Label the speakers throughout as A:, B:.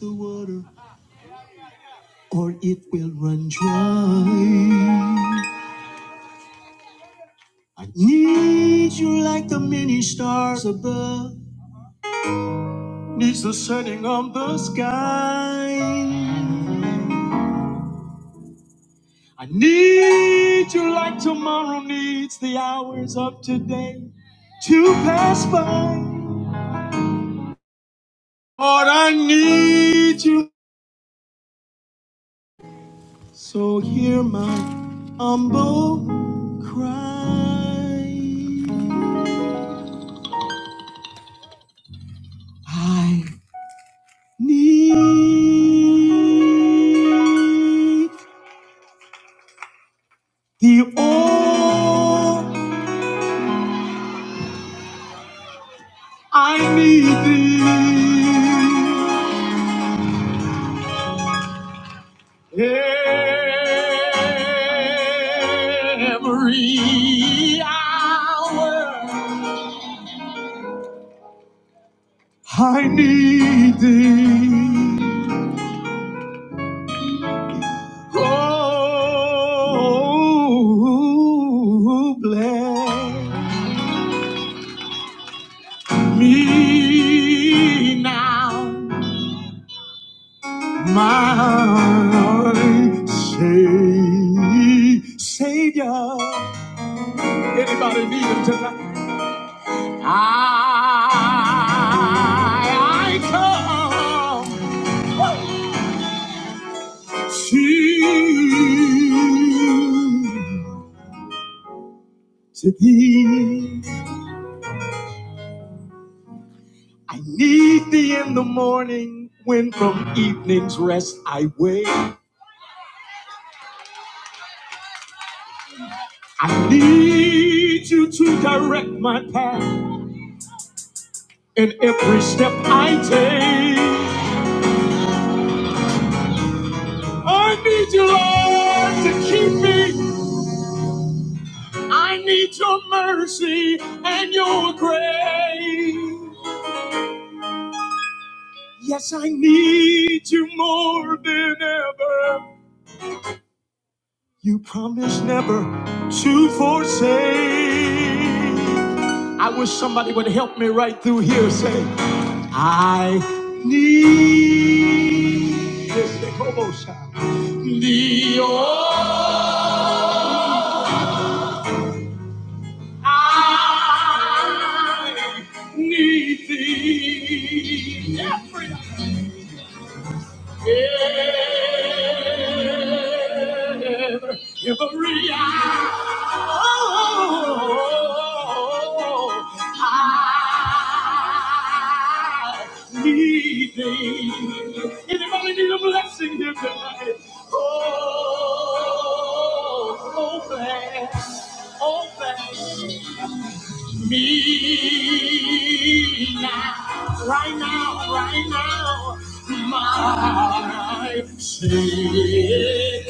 A: the water or it will run dry. I need you like the many stars above needs the setting on the sky. I need you like tomorrow needs the hours of today to pass by. Lord, I need you. So hear my humble cry. I. need thee, oh, I need thee every hour. I need thee, oh, bless me now. my heart say, Savior. Anybody need him tonight? I, I come to, to thee. I need thee in the morning when from evening's rest I wake. I need you to direct my path in every step I take. I need you, Lord, to keep me. I need your mercy and your grace. Yes, I need you more than ever. You promised never to forsake. I wish somebody would help me right through here. Say, I need. Yes, they call uh, I need thee every, hour, every hour. I need thee. Anybody need a blessing here tonight? Oh, oh, bless, oh, bless me now, right now, right now, my Savior.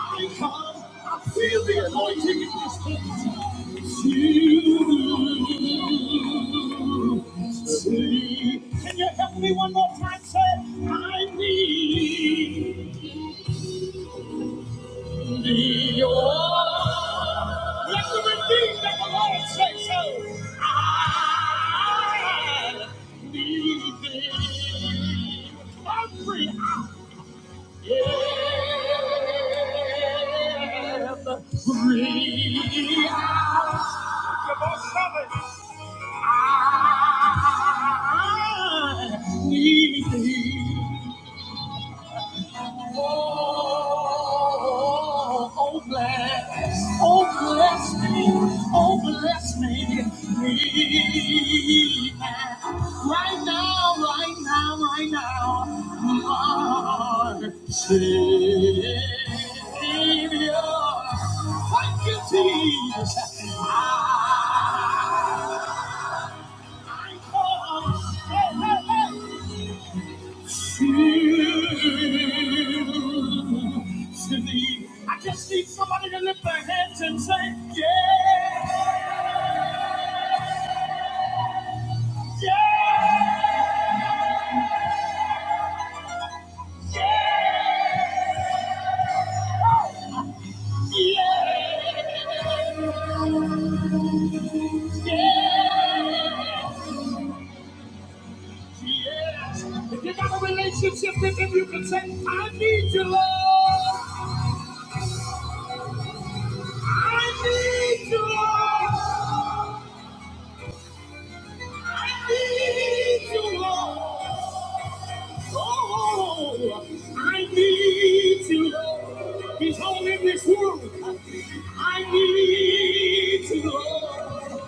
A: I come, I feel the anointing in this place. It's You, see. Can you help me one more time? Say, I need. The old, Let the redeemed of the Lord say so. I need thee. Every hour. Every hour. Your I need thee. Oh, oh, bless, oh, bless me, oh, bless me, me. now. Right now, right now, right now, my Savior. Thank you, Jesus. I come. Hey, hey, hey. Cindy, I just need somebody to lift their hands and say, yeah, yeah, yeah, yeah, yes. If you got a relationship with him, you can say, I need you, Lord. I need you, Lord. I need you, Lord. Oh, I need you, Lord. He's all in this world. I need you, Lord.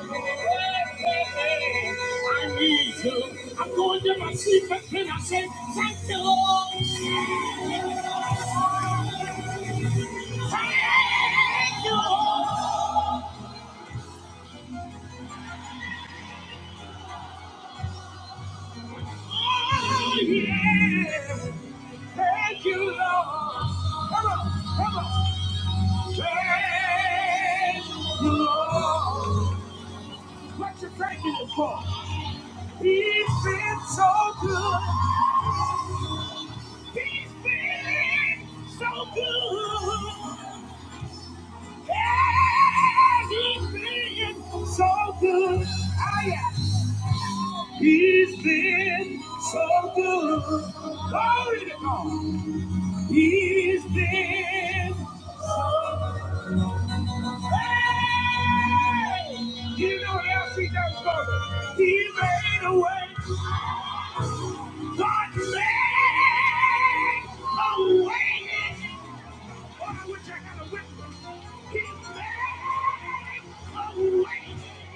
A: I need you. I'm going to my sleep, but then I say, thank you, Lord. Thank you, Lord. Oh, yeah. Thank you, Lord. Come on, come on. Thank you, Lord. What you thanking him for? He's been so good. He's been so good. Yeah, he's been so good. Oh, yeah. He's been so good. Glory to God. He's been so. good. Do you know what else he done for me? He made a way. God made a way. Oh, I wish I had a witness. He made a way.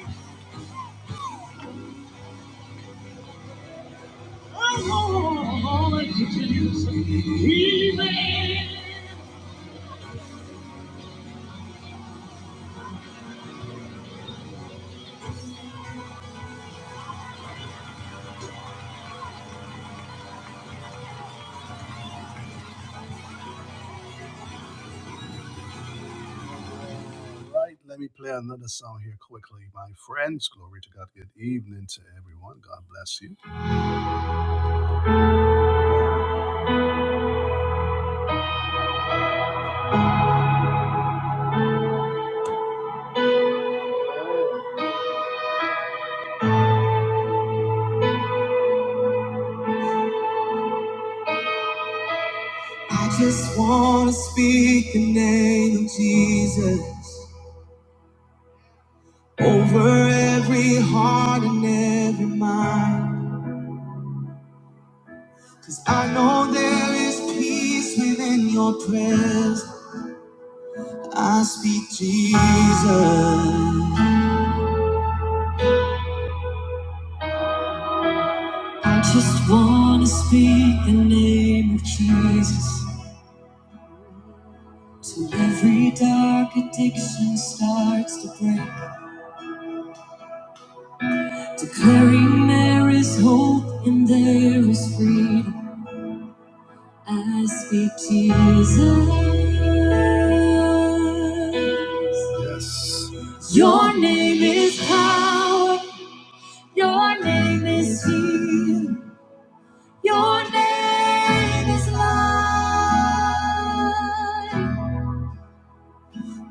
A: Oh, Lord, Jesus. He made Right, let me play another song here quickly, my friends. Glory to God. Good evening to everyone. God bless you. I just want to speak the name of Jesus over every heart and every mind. Cause I know there is peace within your presence. I speak Jesus. I just speak Jesus. Till every dark addiction starts to break. Declaring there is hope and there is freedom. I speak Jesus. Yes. Your name is power. Your name is heal. Your name is life.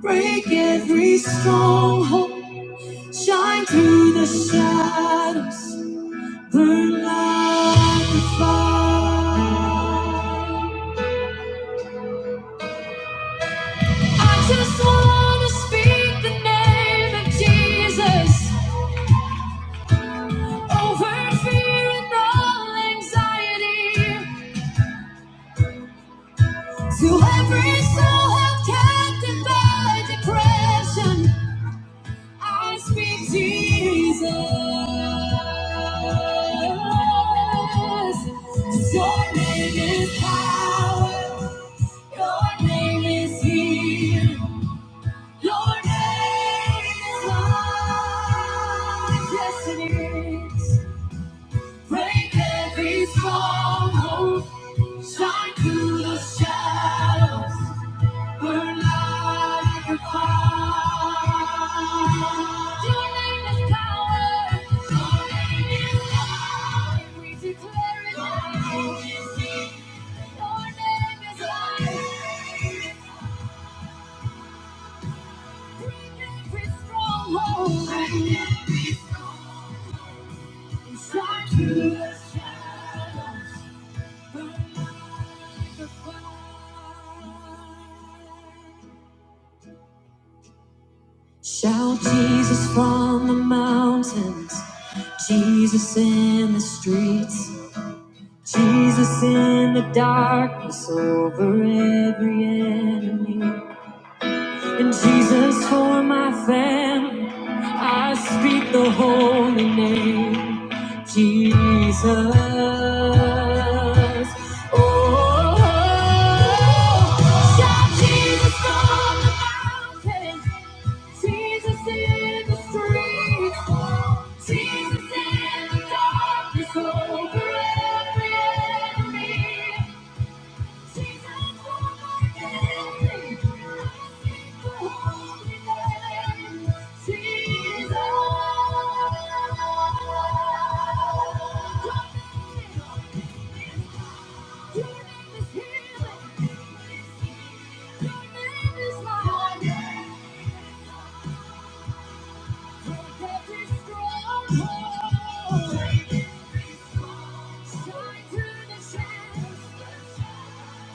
A: Break every stronghold. Shine through the shadows. Burn like a fire. I just wanna speak the name of Jesus over fear and all anxiety. To every soul held captive by depression, I speak Jesus. Your name is power. Your name is healing. Your name is life. Yes, it is. Break every stronghold. Shine through the shadows. Burn like a fire. Your name is power. Your name is life. We declare it. Your name is healing. Your name is life. Every stronghold. Shine through the Shout Jesus from the mountains, Jesus in the streets, Jesus in the darkness over every enemy. In Jesus for my family, I speak the holy name, Jesus. Oh, shout Jesus on the mountain, Jesus in the streets, Jesus in the darkness over every enemy. Shine through the shadows.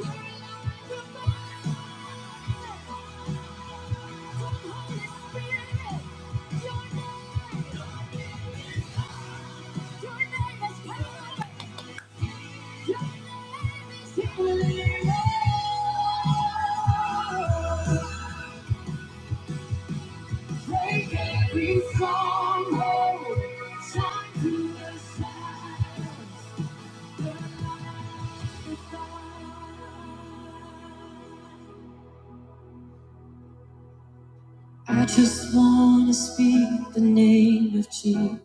A: Your light I just want to speak the name of Jesus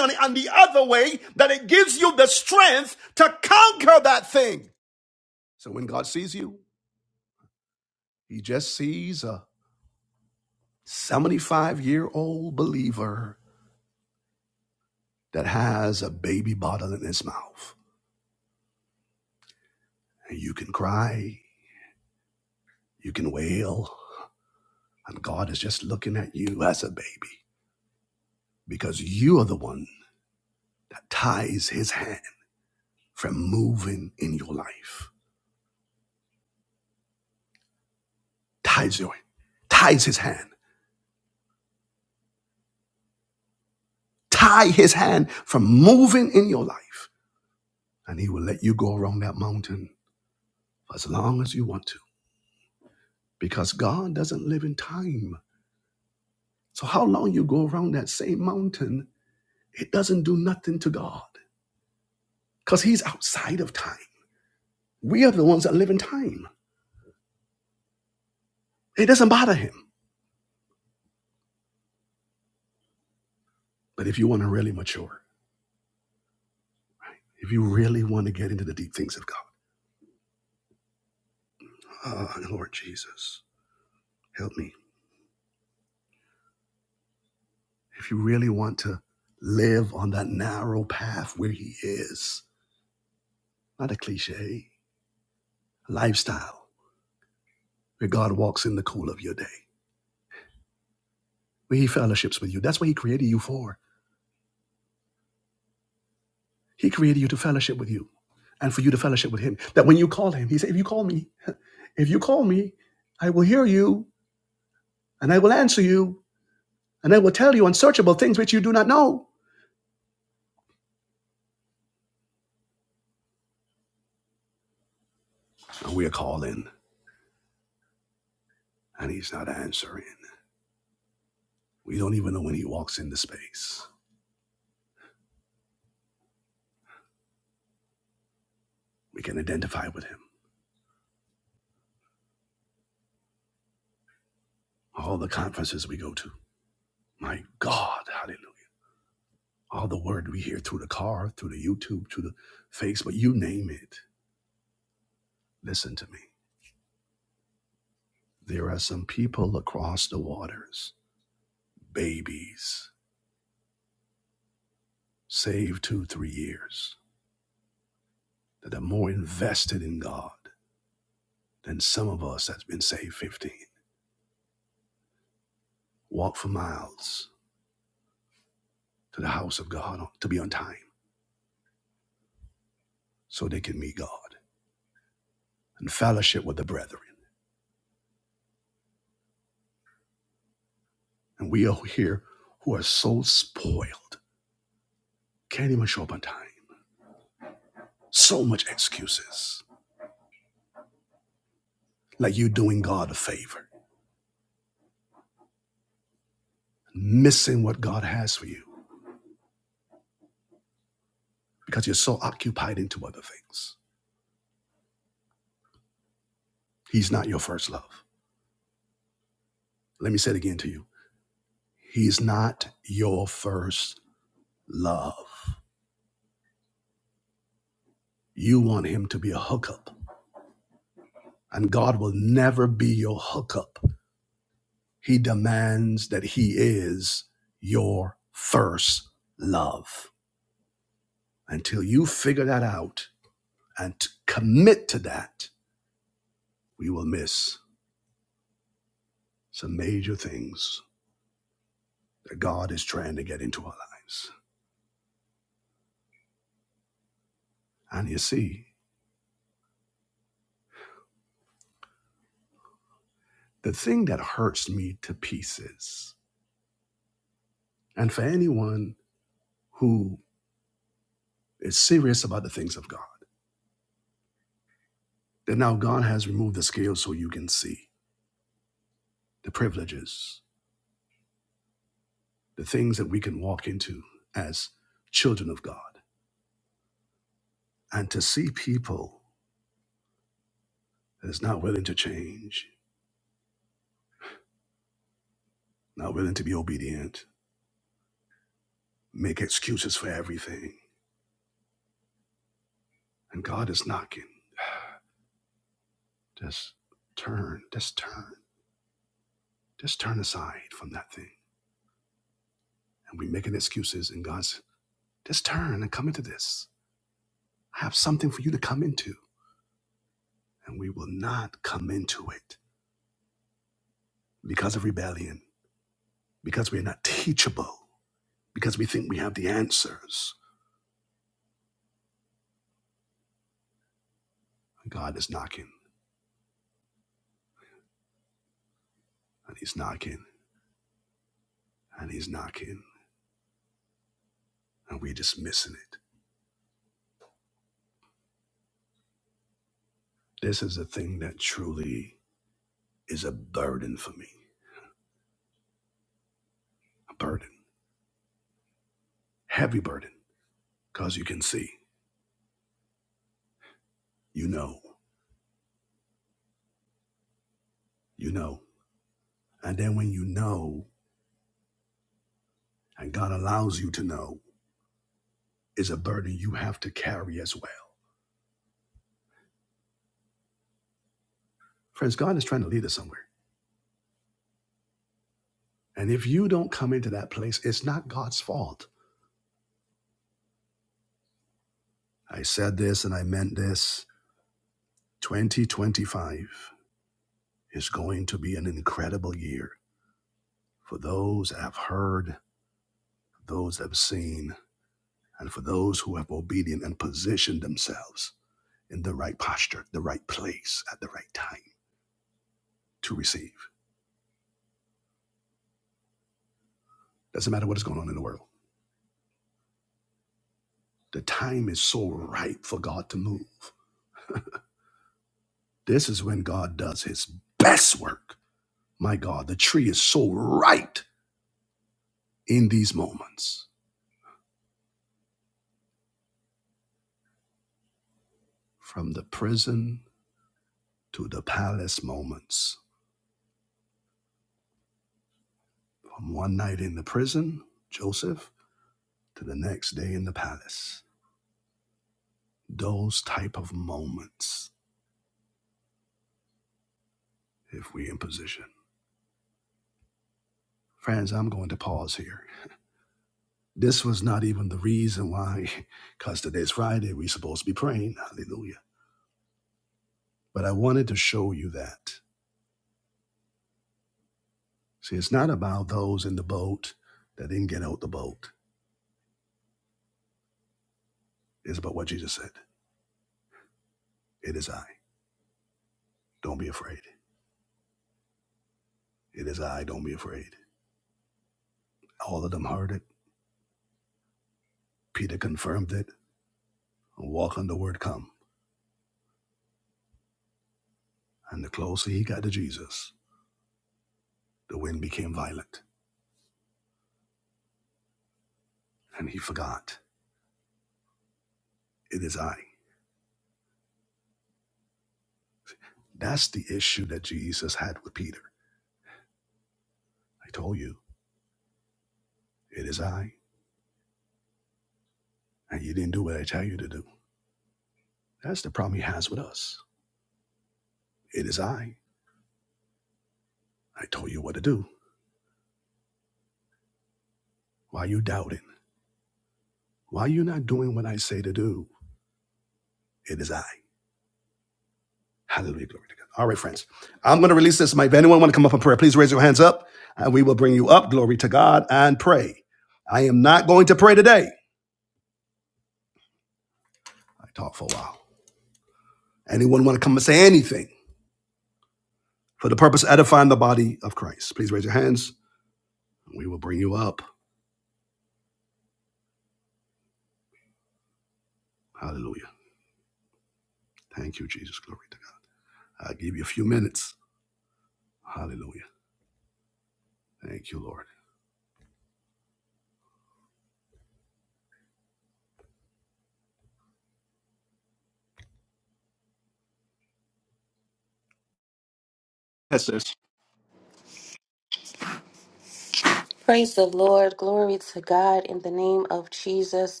B: Praise the Lord. Glory to God in the name of Jesus.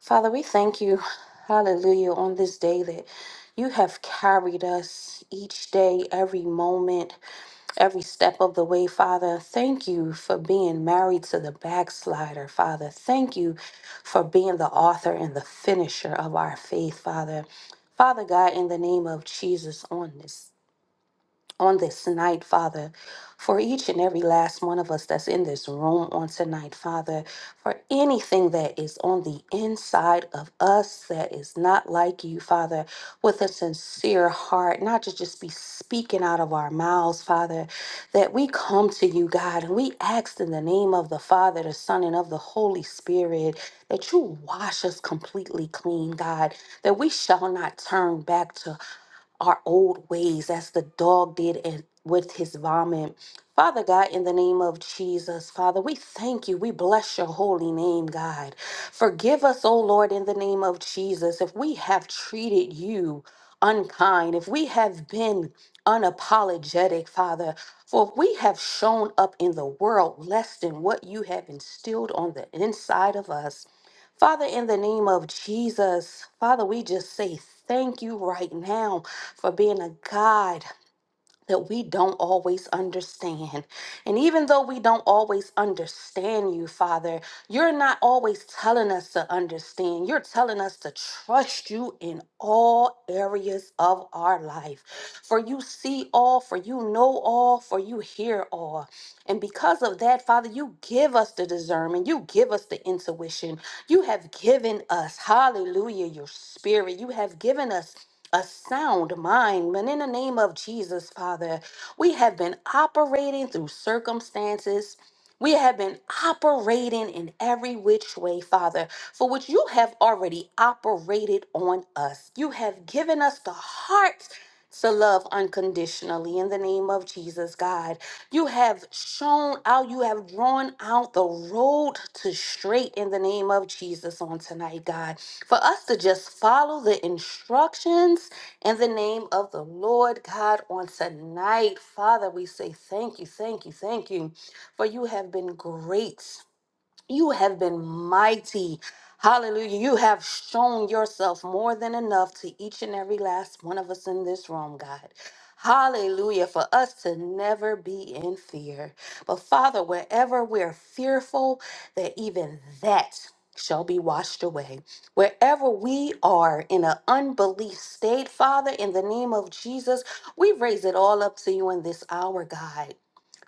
B: Father, we thank you, hallelujah, on this day that you have carried us each day, every moment, every step of the way, Father. Thank you for being married to the backslider, Father. Thank you for being the author and the finisher of our faith, Father. Father God, in the name of Jesus, on this on this night, Father, for each and every last one of us that's in this room on tonight, Father, for anything that is on the inside of us that is not like you, Father, with a sincere heart, not to just be speaking out of our mouths, Father, that we come to you, God, and we ask in the name of the Father, the Son, and of the Holy Spirit that you wash us completely clean, God, that we shall not turn back to our old ways as the dog did in- with his vomit. Father God, in the name of Jesus, Father, we thank you. We bless your holy name, God. Forgive us, O Lord, in the name of Jesus, if we have treated you unkind, if we have been unapologetic, Father, for if we have shown up in the world less than what you have instilled on the inside of us. Father, in the name of Jesus, Father, we just say thank you right now for being a God that we don't always understand. And even though we don't always understand you, Father, you're not always telling us to understand. You're telling us to trust you in all areas of our life. For you see all, for you know all, for you hear all. And because of that, Father, you give us the discernment. You give us the intuition. You have given us, hallelujah, your spirit. You have given us a sound mind. And in the name of Jesus, Father, we have been operating through circumstances. We have been operating in every which way, Father, for which you have already operated on us. You have given us the heart to love unconditionally in the name of Jesus, God. You have shown out, you have drawn out the road to straight in the name of Jesus on tonight, God. For us to just follow the instructions in the name of the Lord God on tonight, Father, we say thank you, thank you, thank you. For you have been great you have been mighty. Hallelujah. You have shown yourself more than enough to each and every last one of us in this room, God. Hallelujah. For us to never be in fear. But Father, wherever we're fearful, that even that shall be washed away. Wherever we are in an unbelief state, Father, in the name of Jesus, we raise it all up to you in this hour, God.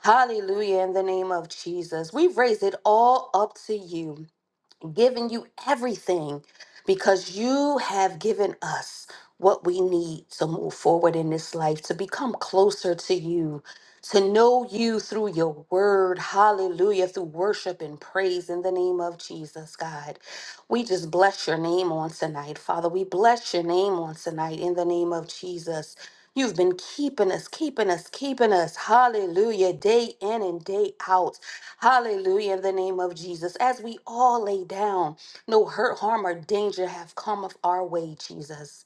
B: Hallelujah in the name of Jesus. We raise it all up to you giving you everything because you have given us what we need to move forward in this life, to become closer to you, to know you through your word. Hallelujah. Through worship and praise in the name of Jesus, God. We just bless your name on tonight, Father. We bless your name on tonight in the name of Jesus. You've been keeping us, keeping us, keeping us. Hallelujah. Day in and day out. Hallelujah. In the name of Jesus. As we all lay down, no hurt, harm, or danger have come of our way, Jesus.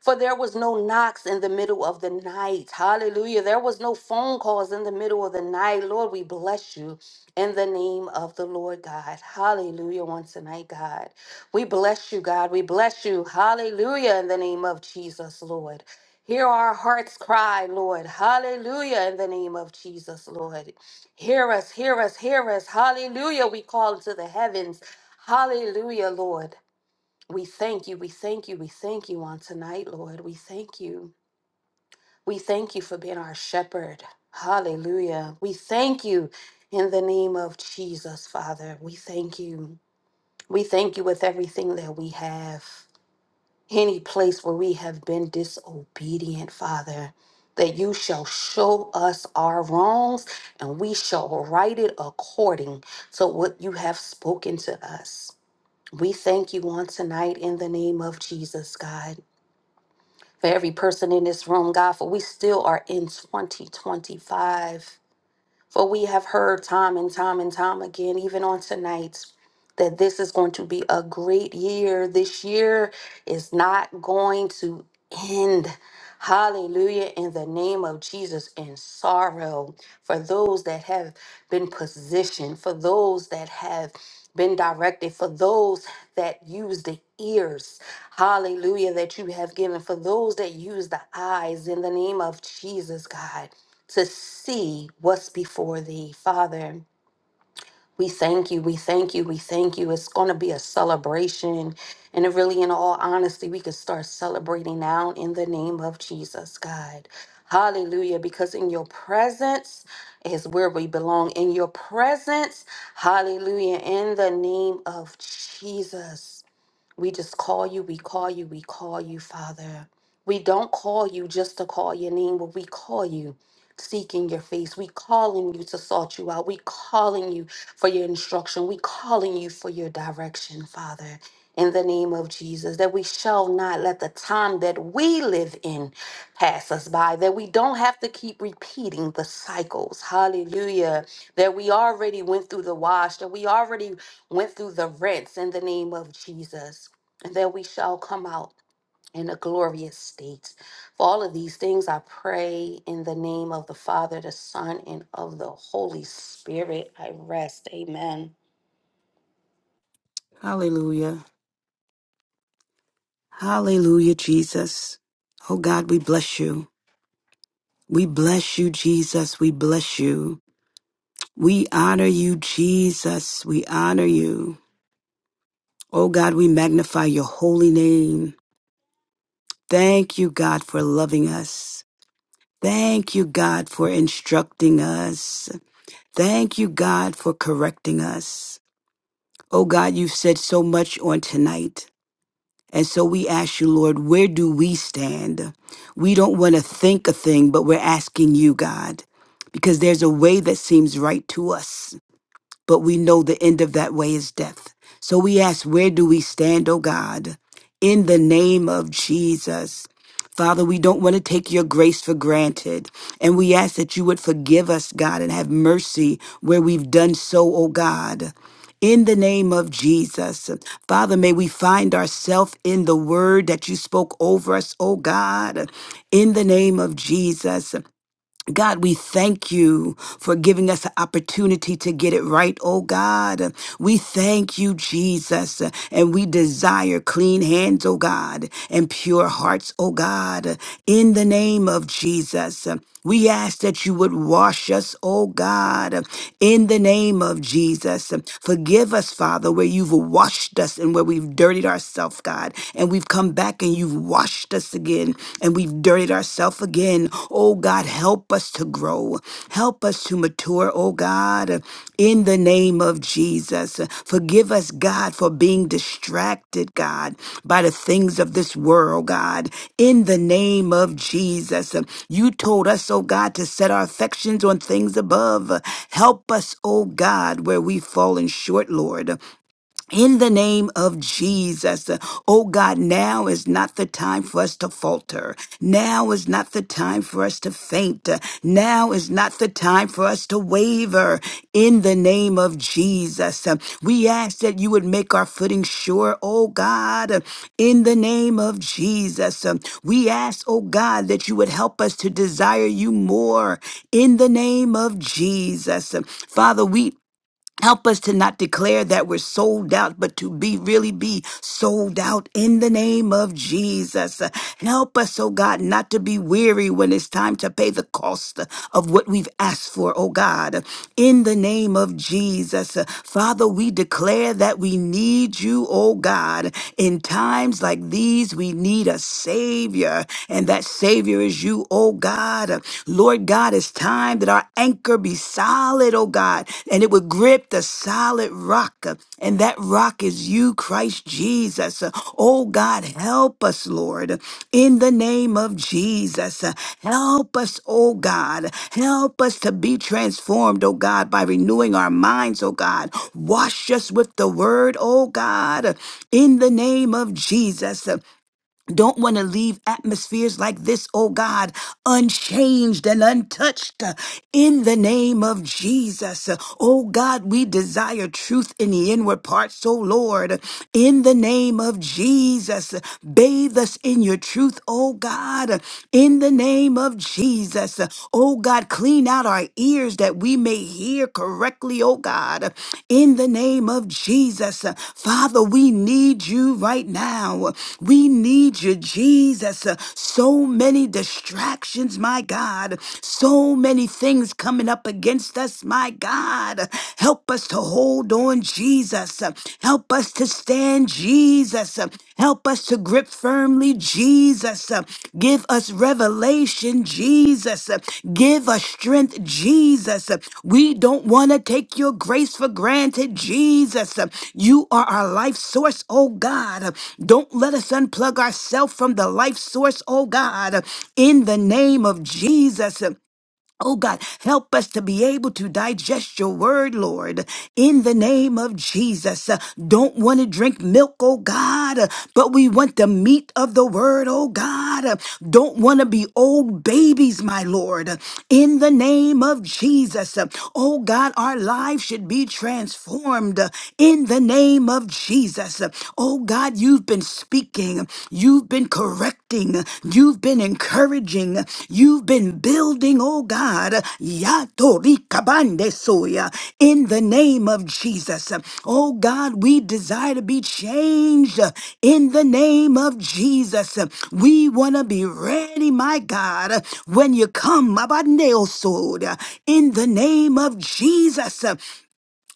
B: For there was no knocks in the middle of the night. Hallelujah. There was no phone calls in the middle of the night. Lord, we bless you in the name of the Lord God. Hallelujah. Once tonight, God. We bless you, God. We bless you. Hallelujah. In the name of Jesus, Lord. Hear our hearts cry, Lord. Hallelujah. In the name of Jesus, Lord. Hear us, hear us, hear us. Hallelujah. We call to the heavens. Hallelujah, Lord. We thank you, we thank you, we thank you on tonight, Lord. We thank you. We thank you for being our shepherd. Hallelujah. We thank you in the name of Jesus, Father. We thank you. We thank you with everything that we have. Any place where we have been disobedient, Father, that you shall show us our wrongs and we shall right it according to what you have spoken to us. We thank you on tonight in the name of Jesus, God. for every person in this room, God, for we still are in 2025. For we have heard time and time and time again, even on tonight, that this is going to be a great year. This year is not going to end. Hallelujah, in the name of Jesus, and sorrow for those that have been positioned, for those that have been directed, for those that use the ears, hallelujah, that you have given, for those that use the eyes, in the name of Jesus, God to see what's before thee. Father, we thank you, we thank you, we thank you. It's going to be a celebration. And really, in all honesty, we can start celebrating now in the name of Jesus, God. Hallelujah. Because in your presence is where we belong. In your presence, hallelujah, in the name of Jesus. We just call you, we call you, we call you, Father. We don't call you just to call your name, but we call you seeking your face. We calling you to sort you out. We calling you for your instruction. We calling you for your direction, Father. In the name of Jesus, that we shall not let the time that we live in pass us by, that we don't have to keep repeating the cycles. Hallelujah. That we already went through the wash, that we already went through the rinse in the name of Jesus and that we shall come out in a glorious state. For all of these things, I pray in the name of the Father, the Son, and of the Holy Spirit. I rest. Amen.
C: Hallelujah. Hallelujah, Jesus. Oh God, we bless you. We bless you, Jesus. We bless you. We honor you, Jesus. We honor you. Oh God, we magnify your holy name. Thank you, God, for loving us. Thank you, God, for instructing us. Thank you, God, for correcting us. Oh God, you've said so much on tonight. And so we ask you, Lord, where do we stand? We don't want to think a thing, but we're asking you, God, because there's a way that seems right to us but we know the end of that way is death. So we ask, where do we stand, O God? In the name of Jesus. Father, we don't want to take your grace for granted. And we ask that you would forgive us, God, and have mercy where we've done so, O God. In the name of Jesus. Father, may we find ourselves in the word that you spoke over us, O God. In the name of Jesus. God, we thank you for giving us an opportunity to get it right, oh God. We thank you, Jesus, and we desire clean hands, oh God, and pure hearts, oh God, in the name of Jesus. We ask that you would wash us, oh God, in the name of Jesus. Forgive us, Father, where you've washed us and where we've dirtied ourselves, God, and we've come back and you and you've washed us again and we've dirtied ourselves again. Oh God, help us to grow. Help us to mature, oh God, in the name of Jesus. Forgive us, God, for being distracted, God, by the things of this world, God, in the name of Jesus. You told us, oh God, to set our affections on things above. Help us, oh God, where we've fallen short, Lord in the name of Jesus, uh, oh God, now is not the time for us to falter. Now is not the time for us to faint. Uh, Now is not the time for us to waver. In the name of Jesus, uh, we ask that you would make our footing sure, oh God. uh, In the name of Jesus, um, we ask, oh God, that you would help us to desire you more. In the name of Jesus, Um, Father, we Help us to not declare that we're sold out, but to be really be sold out in the name of Jesus. Uh, Help us, oh God, not to be weary when it's time to pay the cost uh, of what we've asked for, oh God. In the name of Jesus, uh, Father, we declare that we need you, oh God. In times like these, we need a Savior, and that Savior is you, oh God. Lord God, it's time that our anchor be solid, oh God, and it would grip the solid rock. uh, And that rock is you, Christ Jesus. Oh God, help us, Lord, in the name of Jesus. Help us, oh God. Help us to be transformed, oh God, by renewing our minds, oh God. Wash us with the word, oh God, in the name of Jesus don't want to leave atmospheres like this, oh God, unchanged and untouched uh, in the name of Jesus. Uh, Oh God, we desire truth in the inward parts, oh Lord, in the name of Jesus. Uh, Bathe us in your truth, oh God, uh, in the name of Jesus. Uh, Oh God, clean out our ears that that we may hear correctly, oh God, in the name of Jesus. Father, we need you right now. We need you, Jesus. So many distractions, my God. So many things coming up against us, my God. Help us to hold on, Jesus. Help us to stand, Jesus. Jesus. uh, Help us to grip firmly, Jesus. uh, Give us revelation, Jesus. uh, Give us strength, Jesus. uh, We don't want to take your grace for granted, Jesus. uh, You are our life source, oh God. uh, Don't let us unplug ourselves from the life source, oh God. uh, In the name of Jesus. uh, Oh God, help us to be able to digest your word, Lord, in the name of Jesus. Uh, Don't want to drink milk, oh God, uh, but we want the meat of the word, oh God. Uh, Don't want to be old babies, my Lord, uh, in the name of Jesus. Uh, Oh God, our lives should be transformed uh, in the name of Jesus. Uh, Oh God, you've been speaking speaking, you've been correcting, you've been encouraging, you've been building, oh God, Yatorikabande soya, in the name of Jesus. Oh God, we desire to be changed in the name of Jesus. We want to be ready, my God, when you come, Abandeo soda, in the name of Jesus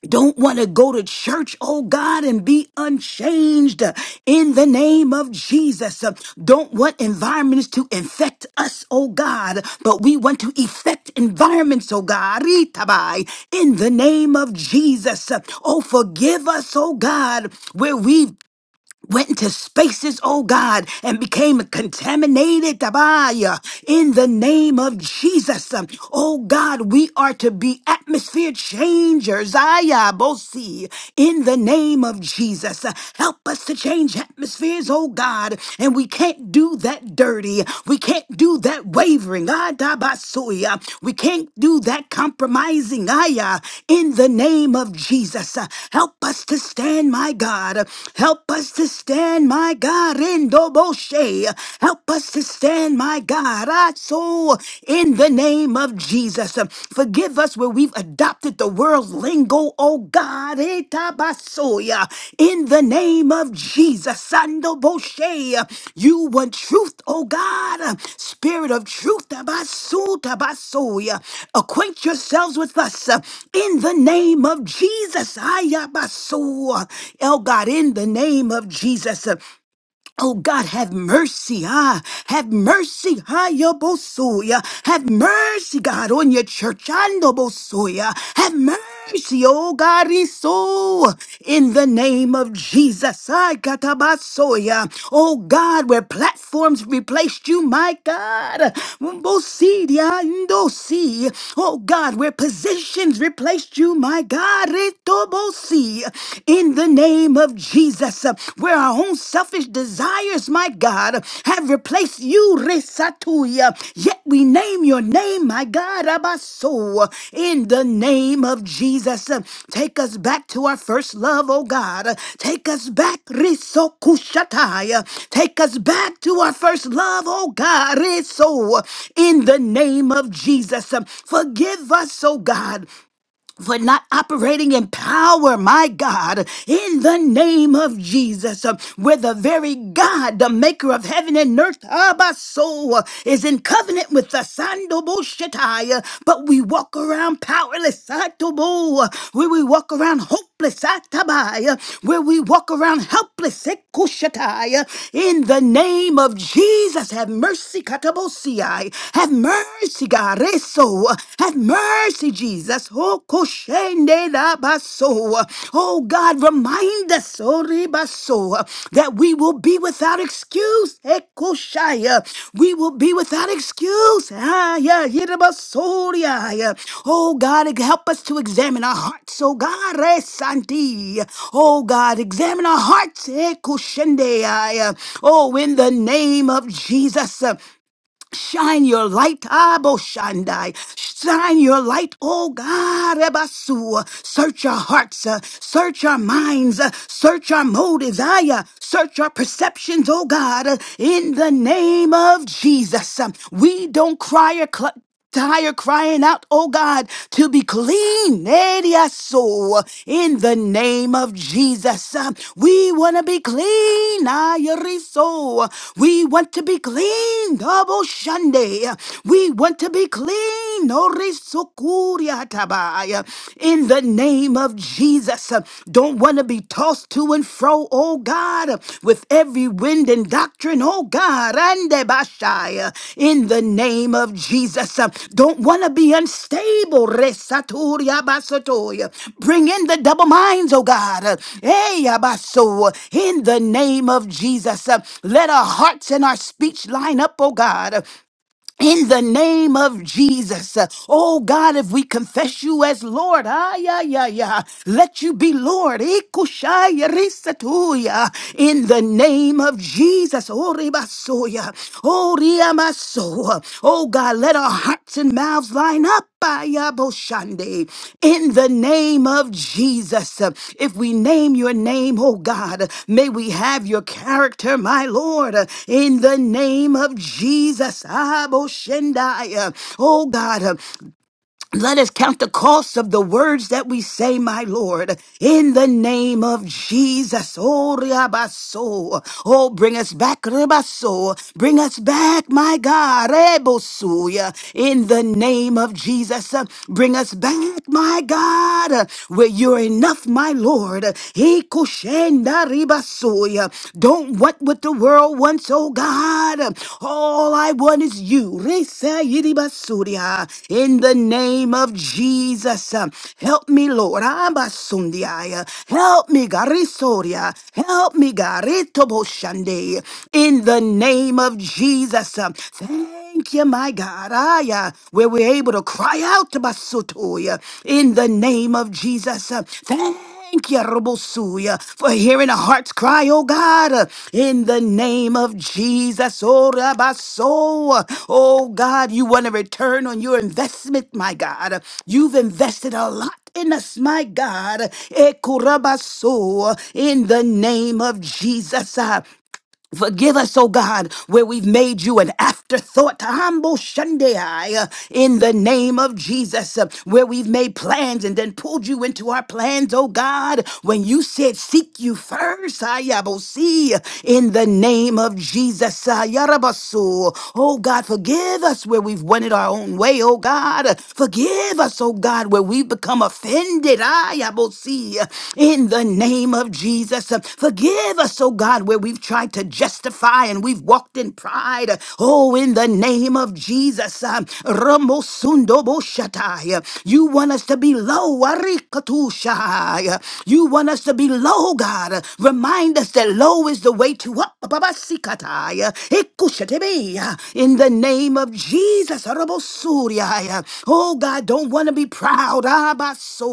C: don't want to go to church, oh God, and be unchanged uh, in the name of Jesus. Uh, Don't want environments to infect us, oh God, but we want to affect environments, oh God, Ritabai, in the name of Jesus. Uh, Oh, forgive us, oh God, where we've went into spaces, oh God, and became contaminated Tabaya, in the name of Jesus. Um, Oh God, we are to be atmosphere changers. Ayabosi, in the name of Jesus. Uh, Help us to change atmospheres, oh God. And we can't do that dirty. We can't do that wavy wavering. Ah, da ba soya. We can't do that compromising. Ah, yeah. In the name of Jesus, uh, help us to stand, my God. Help us to stand, my God. Endo boshe. Help us to stand, my God. Ah, so in the name of Jesus, uh, forgive us where we've adopted the world's language lingo, oh God, etabasoya, in the name of Jesus, Sando Boshe, you want truth, oh God, spirit of truth, tabasu, tabasoya, acquaint yourselves with us uh, in the name of Jesus, ayabasu, oh God, in the name of Jesus. Oh God, have mercy, ah, have mercy, ah, your bosoya. Have mercy, God, on your church, and the bosoya. Have mercy, oh God, so in the name of Jesus, I katabasoya. Oh God, where platforms replaced you, my God. Bosidia, ndosi. Oh God, where positions replaced you, my God, retobosi in the name of Jesus, uh, where our own selfish desires, my God, have replaced you, Resatuya. Yet we name your name, my God, Abaso, in the name of Jesus. Uh, Take us back to our first love, oh God. Uh, Take us back, Risokushataya. Take us back to our first love, oh God, Riso, in the name of Jesus. Uh, Forgive us, oh God for not operating in power, my God, in the name of Jesus, uh, where the very God, the maker of heaven and earth, Abba soul, uh, is in covenant with the Sando Boshetai, uh, but we walk around powerless, Satobo, uh, where we walk around hopeless, Atabai, uh, where we walk around helpless, Ekushatai, uh, in the name of Jesus, have mercy, Katabosiai, have mercy, God, is so. Have mercy, Jesus. Oh, koshende da baso. Oh, God, remind us, oh, ribaso, that we will be without excuse. Eh, koshaya. We will be without excuse. Ah, yeah, yirabasoria. yeah. Oh, God, help us to examine our hearts. Oh, God, eh, santi. Oh, God, examine our hearts. Eh, koshende, ah, yeah. Oh, in the name of Jesus. Shine your light, Aboshandai. Shine your light, oh God, Ebasu. Search our hearts, uh, search our minds, uh, search our motives, Aya. Search our perceptions, oh God, uh, in the name of Jesus. Um, We don't cry or cluck Tired crying out, oh God, to be clean. Edia so in the name of Jesus. Uh, We want to be clean. Ayariso. We want to be clean. Double Shande. We want to be clean. Orisokuriatabaya. In the name of Jesus. Uh, Don't want to be tossed to and fro, oh God, with every wind and doctrine, oh God, and Bashaya, in the name of Jesus. Uh, Don't want to be unstable, Resaturia Basatoya. Bring in the double minds, oh God. Uh, Hey, Abaso, in the name of Jesus. Uh, Let our hearts and our speech line up, oh God in the name of Jesus. Uh, Oh God, if we confess you as Lord, ah, yeah, yeah, yeah, let you be Lord. Ikushaya risatuya. In the name of Jesus. Oh, ribasoya. Oh, riamaso. Oh God, let our hearts and mouths line up. Boshande. In the name of Jesus, uh, if we name your name, oh God, uh, may we have your character, my Lord. uh, In the name of Jesus, Ah, Boshendai, uh, oh God, uh, let us count the cost of the words that we say, my Lord, in the name of Jesus. Oh, riabaso. Oh, bring us back, ribaso. Bring us back, my God, rebosuya. In the name of Jesus, Uh, bring us back, my God, uh, where you're enough, my Lord. Hikushenda ribasuya. Don't don't want what the world wants, oh God. All I want is you. Resa yiribasuria. In the name of Jesus, um, help me, Lord. Abasundiaya. Help me, Garisoria. Help me, Garitoboshandei. In the name of Jesus. um, Thank you, my God. Aya, where we're able to cry out to Basutoya in the name of Jesus. Uh, Thank you, Robosuya, for hearing the heart's cry, oh God, uh, in the name of Jesus. Oh, Rabaso. Oh God, you want to return on your investment, my God. You've invested a lot in us, my God. Ekurabaso, in the name of Jesus. Forgive us, oh God, where we've made you an afterthought, humble Shunday, uh, in the name of Jesus, uh, where we've made plans and then pulled you into our plans, oh God, when you said, Seek you first, Ayabosi, in the name of Jesus, Ayarabasu. Oh God, forgive us where we've wanted our own way, oh God. God. Forgive us, oh God, where we've become offended. I I will see in the name of Jesus. Forgive us, oh God, where we've tried to justify and we've walked in pride. Oh, in the name of Jesus. Ramosundo Boshatai. You want us to be low. Arikatusha. You want us to be be low, God. Remind us that low is the way to up. Babasikataya, ikushatebeya, In the name of Jesus. Arabosuriaya. Oh, God, don't want to be proud. Abaso.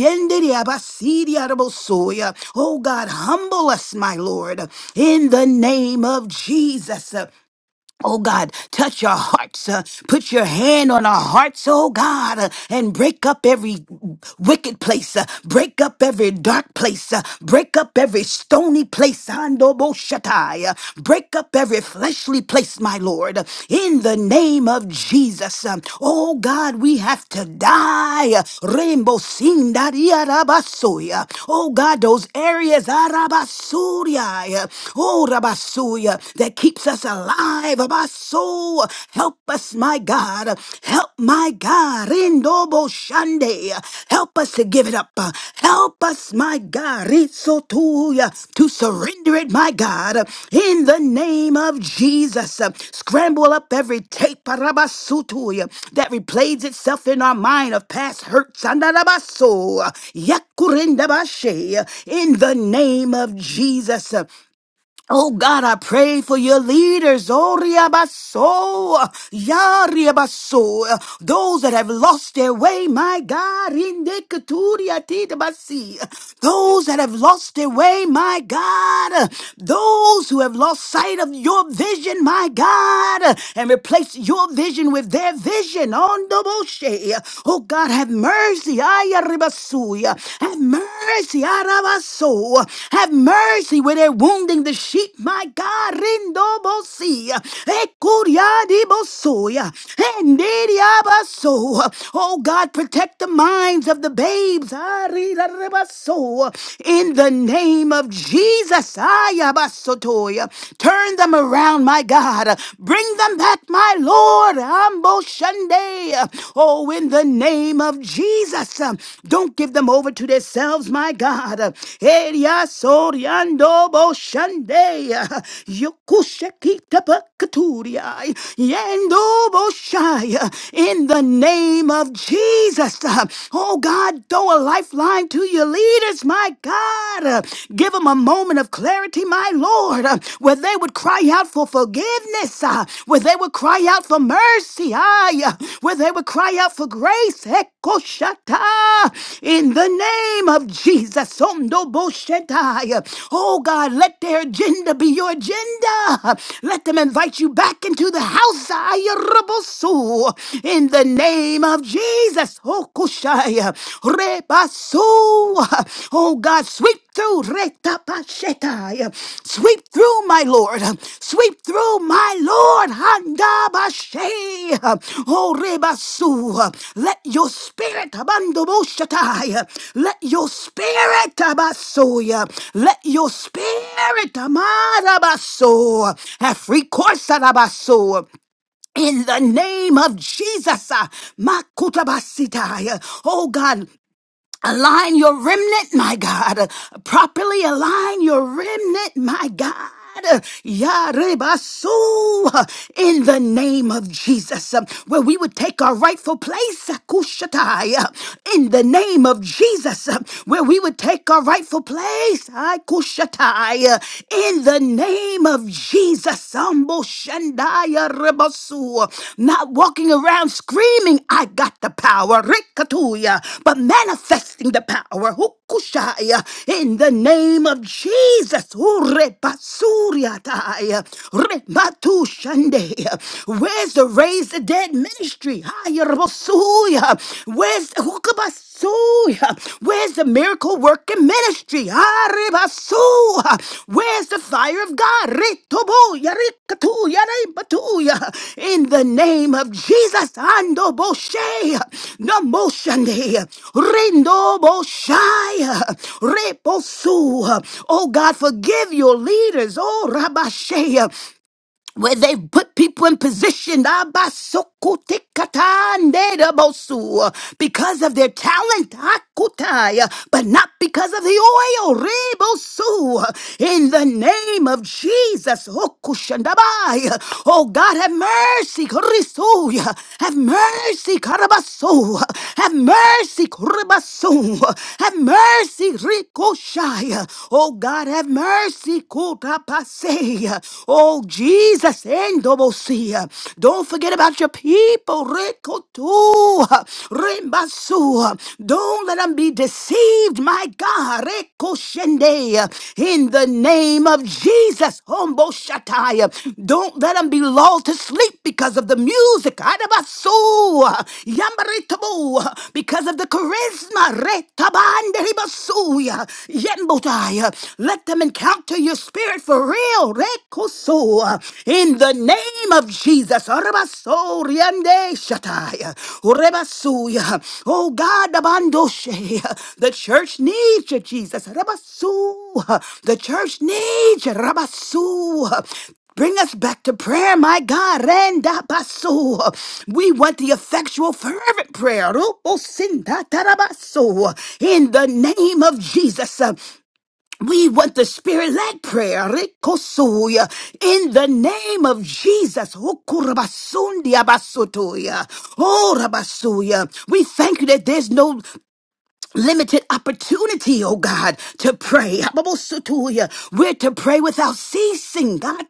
C: Yendere abasiri arabosoya. Oh, God, humble us, my Lord, in the name of Jesus. Oh God, touch our hearts. uh, put your hand on our hearts, oh God, uh, and break up every wicked place. uh, break up every dark place. uh, break up every stony place. Andoboshatai, uh, break up every fleshly place, my Lord. uh, in the name of Jesus. um, oh God, we have to die. uh, Rainbow Sindariarabasoya. Oh God, those areas. Arabasuria. Oh Rabasuya uh, that keeps us alive of our soul. Help us, my God. Help my God. Indobo Shande. Help us to give it up. Help us, my God. Risotuya, To surrender it, my God. In the name of Jesus. Scramble up every tape Parabasutuya, that replays itself in our mind of past hurts. Andarabaso. Yakurindabashe. In the name of Jesus. Oh God, I pray for your leaders. Oh Riabaso, Ya Riabaso, those that have lost their way, my God, in the Keturia Tidabasi. those that have lost their way, my God, those who have lost sight of your vision, my God, and replaced your vision with their vision. On the Boshe. Oh God, have mercy. Arabasuya. Have mercy, Arabaso. Have mercy where they're wounding the sheep, my God. Rindobosi. Ekuriadibosoya. Endiriabaso. Oh God, protect the minds of the babes. Arirabaso. In the name of Jesus. Ayabasotoya. Turn them around, my God. Bring them back, my Lord. Lord. Ambo Shande. Oh, in the name of Jesus. um, Don't give them over to themselves, my God. Eria soriando bo Shande. Yokushekita pakaturia. Yendo bo Shai. In the name of Jesus. uh, Oh, God, throw a lifeline to your leaders, my God. Uh, Give them a moment of clarity prosperity, my Lord, uh, where they would cry out for forgiveness, uh, where they would cry out for mercy, aye, uh, where they would cry out for grace. Ekoshata, In the name of Jesus, Ondoboshetai. oh God, let their agenda be your agenda. Let them invite you back into the house, Ayarabosu. in the name of Jesus. Okushai. Rebasu. Oh God, sweep through Retabashetai. Sweep through, my Lord. Sweep through, my Lord. Handabashe. Oh, Rebasu. Let your spirit, Abandoboshatai. Let your spirit, Abasuya. Let your spirit, Amarabaso. Have recourse, Arabaso. In the name of Jesus, uh, Makutabasitaya. oh God, Align your remnant, my God. Uh, Properly align your remnant, my God. Uh, Yarebasu, uh, In the name of Jesus, um, where we would take our rightful place, uh, Kushatai. uh, in the name of Jesus, um, where we would take our rightful place, I Kushatai. uh, in the name of Jesus, Rambo Shandaya Rebasu, not walking around screaming, I got the power, Rikatuya, but manifesting the power, Hukushaya, in the name of Jesus, Urebasuriataya, Rebatu Shandeya. Where's the raise the dead ministry? Haya Rebasuya. Where's the Hukabas? Hallelujah. Where's the miracle working ministry? Haribasu. Where's the fire of God? Ritobuya, rikatuya, ribatuya. In the name of Jesus, Ando Boshe, the motion day, Rindo Boshaya, Reposu. Oh God, forgive your leaders. Oh Rabashe where they've put people in position Abasokotekatanderabosu, because of their talent, Hakutai, but not because of the oil. Rebosu. In the name of Jesus, Hokushandabai. oh God, have mercy. Korisuya. Have mercy. Karabasu. Have mercy. Koribasu. Have mercy. Rikoshai. Oh God, have mercy. Kotapase today. Oh, Jesus. Endobosia. Don't forget about your people. Rekotua. Rembasua. Don't let them be deceived, my God. Rekoshendea. In the name of Jesus. Hombo Shataya. Don't let them be lulled to sleep because of the music. Adabasua. Yambaritabu. Because of the charisma. Retabanderibasu. Yembotaya. Let them encounter Wake up To your spirit for real. Rekoso. In the name of Jesus. Arabaso riande shataya. Urebasuya. Oh God, abandoshe. the church needs you, Jesus. Arabasu. The church needs you. Rabasu. Bring us back to prayer, my God. Renda baso. We want the effectual, fervent prayer. Rupo sinda tarabaso. In the name of Jesus. We want the spirit led prayer, Rikosuya, in the name of Jesus. Okurabasundi abasutuya. Oh, Rabasuya. We thank you that there's no limited opportunity, oh God, to pray. Hababosutuya. We're to pray without ceasing. God,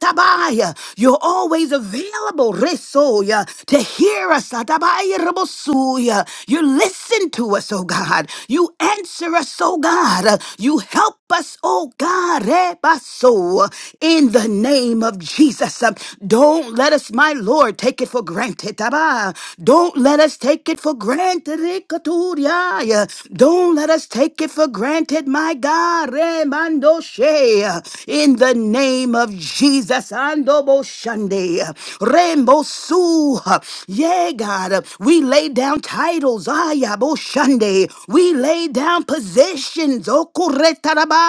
C: You're always available, Resoya, to hear us. Atabaya, Rabosuya. You listen to us, oh God. You answer us, oh God. You help us, oh God. Rebaso. In the name of Jesus. Don't let us, my Lord, take it for granted. Tabaya. Don't let us take it it for granted. Ikaturiaya. Don't let us take it for granted, my God. Remandoshe. In the name of Jesus. Andobo Shande. Rembosu. Yeah, God. We lay down titles. Ayabo Shande. We lay down positions. Okuretaraba.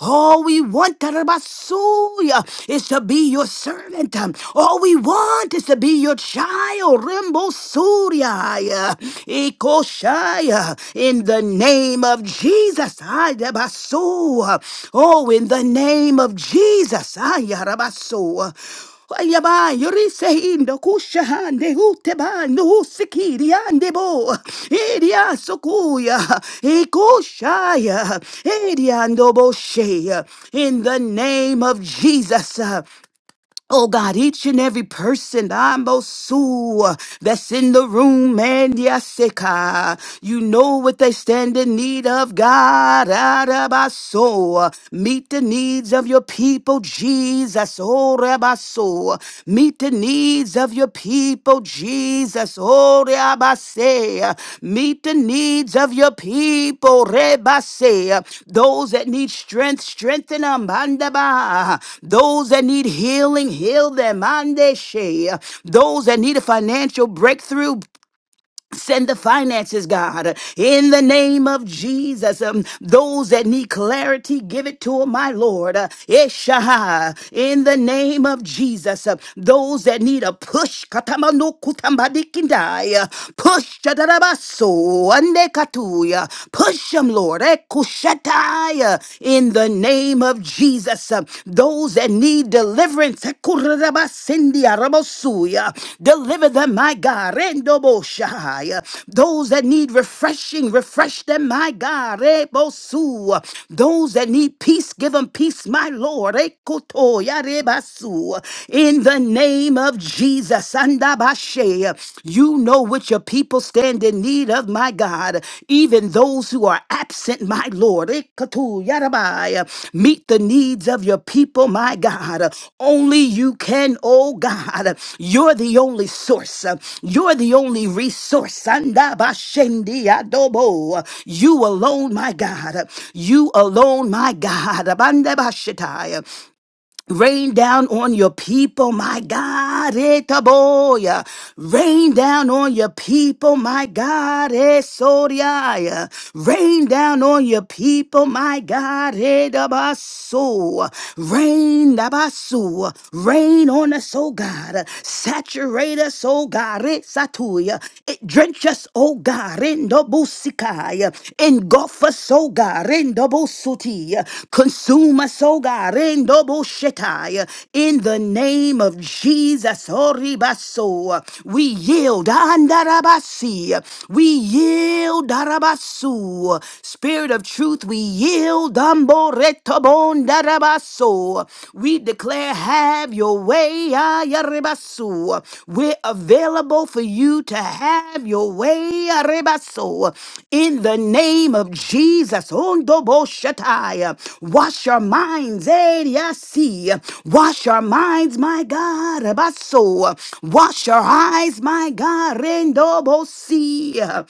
C: All we want tarabasuya, is to be your servant. All we want is to be your child. Rembo Surya, Ikoshaya, in the name of Jesus. Ay, Rabaso. Oh, in the name of Jesus. Ay, Rabaso. Yaba, yuri the Kushahan, the Uteban, the Usikiri, and the Bo, Edia Sukuya, Ekushaya, Edia and in the name of Jesus. Oh God, each and every person I'm Sue that's in the room, man, yasika. You know what they stand in need of, God, out Meet the needs of your people, Jesus, oh Rabaso. Meet the needs of your of your people, Jesus. Oh, Rebase. Meet the needs of your people, Rebase. Those that need strength, strengthen them. Bandaba. Those that need healing, heal them. Mandeshe. Those that need a financial breakthrough, Send the finances, God, in the name of Jesus. Um, those that need clarity, give it to 'em, my Lord. Uh, Eshaha, in the name of Jesus. Uh, those that need a push, katamano kutambadikindai, uh, push, chadarabaso, andekatuya, push them, Lord, ekushatai, uh, in the name of Jesus. Um, uh, those that need deliverance. Ekurarabasindia rabosuya. Deliver them, my God. Rendoboshaya. Those that need refreshing, refresh them, my God. Rebosu. Those that need peace, give them peace, my Lord. Ekotoya rebasu. In the name of Jesus, Andabashe. you know what your people stand stand in need of, my God. Even those who are absent, my Lord. Ikatu yarabai. Meet the needs of your people, my God. Only you can, oh God. You're the only source. You're the only resource. Anda bashendi adobo. You alone, my God. You alone, my God. Abandabashitai. Rain down on your people, my God. Etaboya. Rain down on your people, my God. Esoriaya. Rain down on your people, my God. Edabasu. Rain, dabasu. Rain on us, oh God. Saturate us, oh God. Esatuya. Drench us, oh God. God, rendo busikai. Engulf us, oh God, rendo busuti. Consume us, oh God, rendo bushetai. In the name of Jesus, oribaso. We yield, andarabasi. We yield, darabasu. Spirit of truth, we yield, amboretobondarabaso. We we declare, have your way, ah, Yaribasu. We're available for you to have your way, Yaribasu. In the name of Jesus, Ondobo Shatai. Wash our minds, eh, Yasi. Wash our minds, my God, Rabaso. Wash our eyes, my God, Rendobo Si.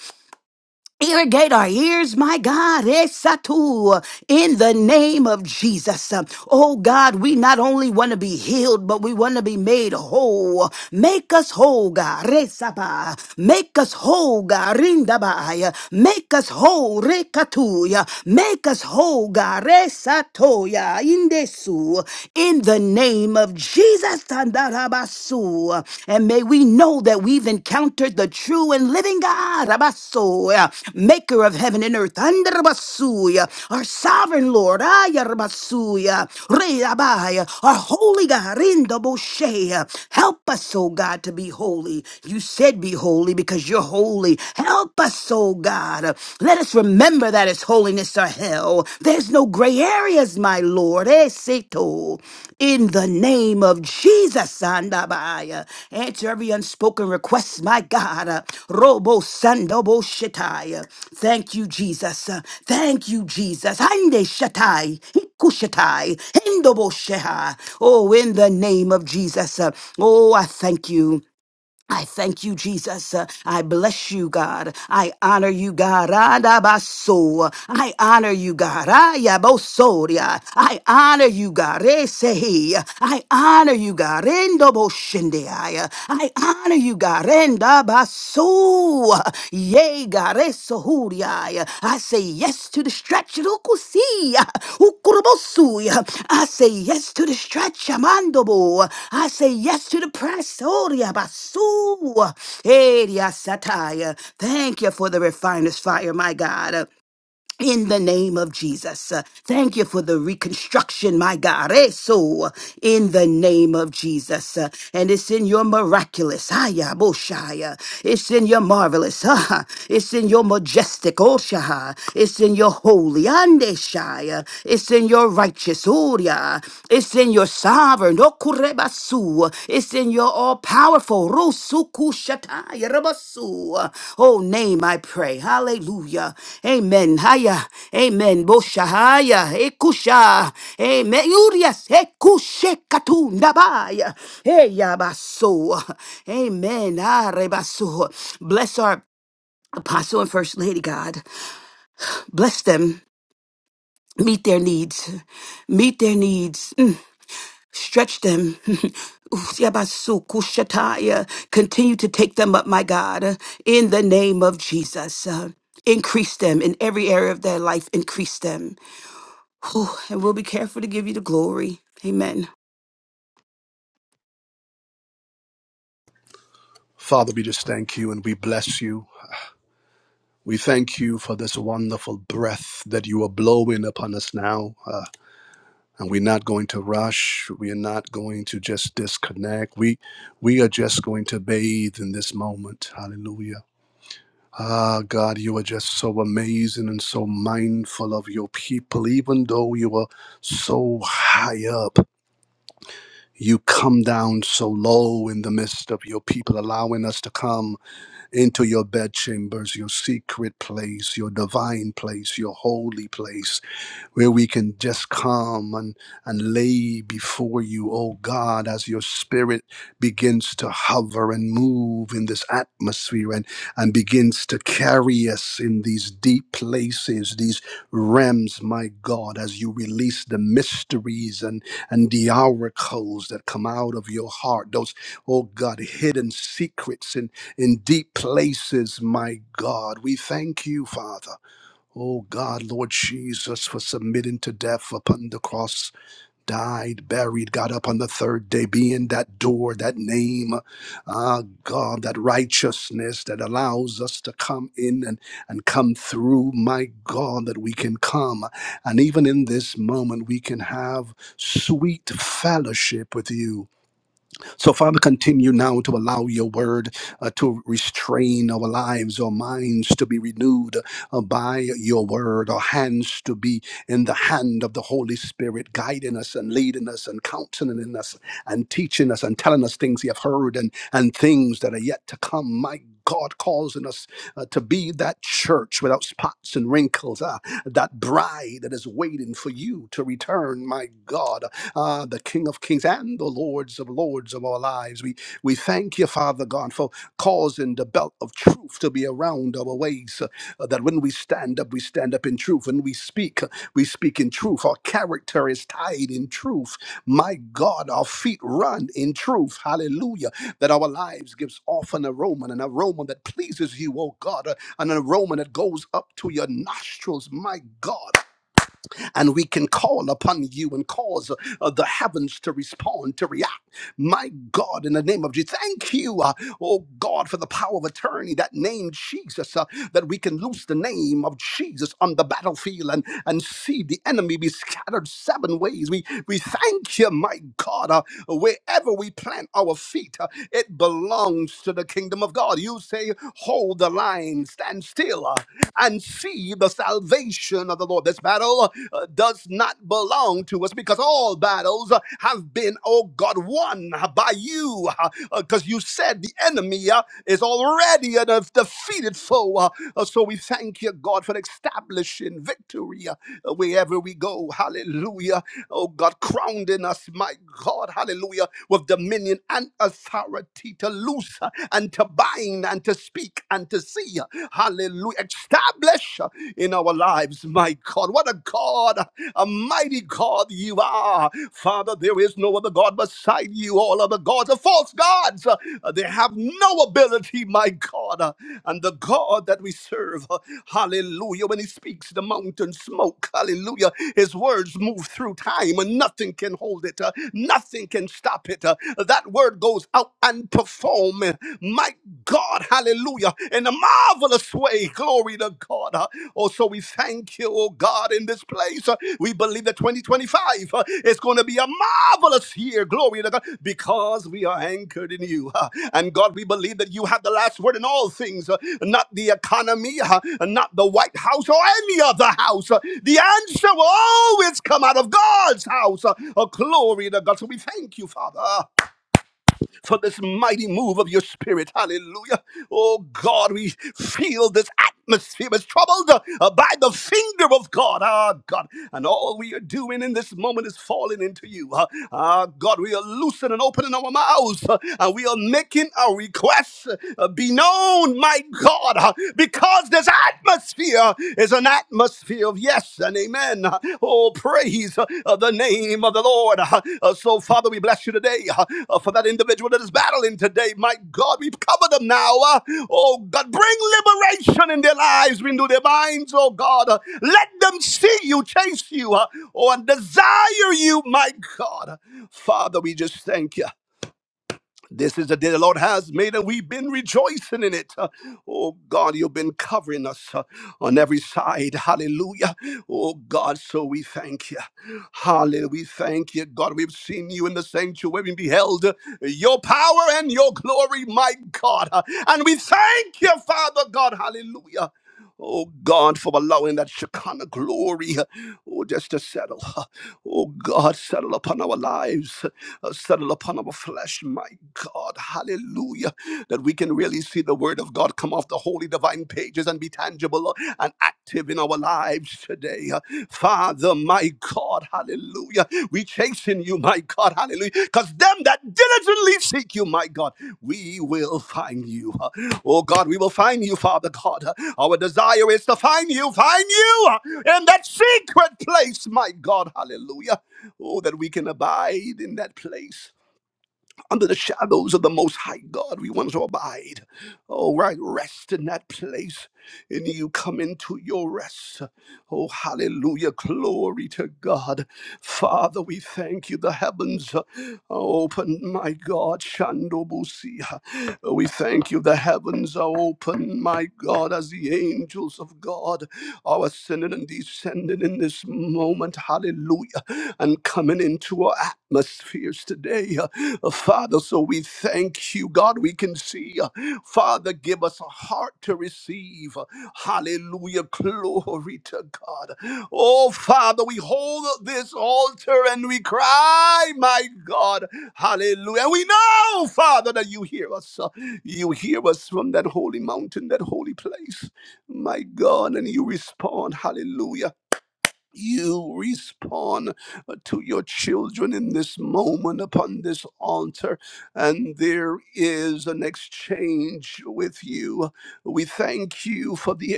C: Irrigate our ears, my God, Esatu, in the name of Jesus. Oh God, we not only want to be healed, but we want to be made whole. Make us whole, God, Resaba. Make us whole, God, Rindabaya. Make us whole, Rekatuya. Make us whole, God, Resatoya, Indesu, in the name of Jesus. Rabasandarabasu. And may we know that we've encountered the true and living God, Rabasu, uh, maker of heaven and earth, Andarabasu, uh, our sovereign Lord, Ayarabasu, uh, Reabai, uh, our holy God, Rindaboshe. uh, Help us, oh God, to be holy. You said be holy because you're holy. Help us, oh God. Let us remember that it's holy holiness or hell. There's no gray areas, my Lord. Esito. In the name of Jesus, Sandabaya. Answer every unspoken request, my God. Robo Sandobo Shataya. Thank you, Jesus. Thank you, Jesus. Hande Shatai. Kushatai. Hendobo Sheha. Oh, in the name of Jesus. Oh, I thank you. I thank you, Jesus. Uh, I bless you, God. I honor you, God. Adabaso. I honor you, God. Ayabosoria. I honor you, God. Esehi. I honor you, God. Endoboshendeai. I honor you, God. Endabaso. Yea, God, esohuriai. I say yes to the stretch. rukusia, ukurubosuya. I say yes to the stretch. Amandobo. I say yes to the press. Oria basu. Eria sataya. Thank you for the refiner's fire, my God in the name of Jesus. Uh, Thank you for the reconstruction, my God. Eh, So, in the name of Jesus. Uh, And it's in your miraculous, Aya, Boshaya. It's in your marvelous, ah, It's in your majestic, Oshaha. It's in your holy, Andeshaya. It's in your righteous, Oria. It's in your sovereign, Kurebasu. It's in your all powerful Rusuku Shatai Rabasu. Oh, name I pray. Hallelujah. Amen. Haya. Amen. Boshahaya. Ekusha. Amen. Urias. Ekushe Katu Nabaya. Hey, Yabasu. Amen. Ah, Rebasu. Bless our apostle and first lady, God. Bless them. Meet their needs. Meet their needs. Mm. Stretch them. Usiabasukoshataya. Continue to take them up, my God, in the name of Jesus. Uh, Increase them in every area of their life. Increase them. Whew, And we'll be careful to give you the glory. Amen.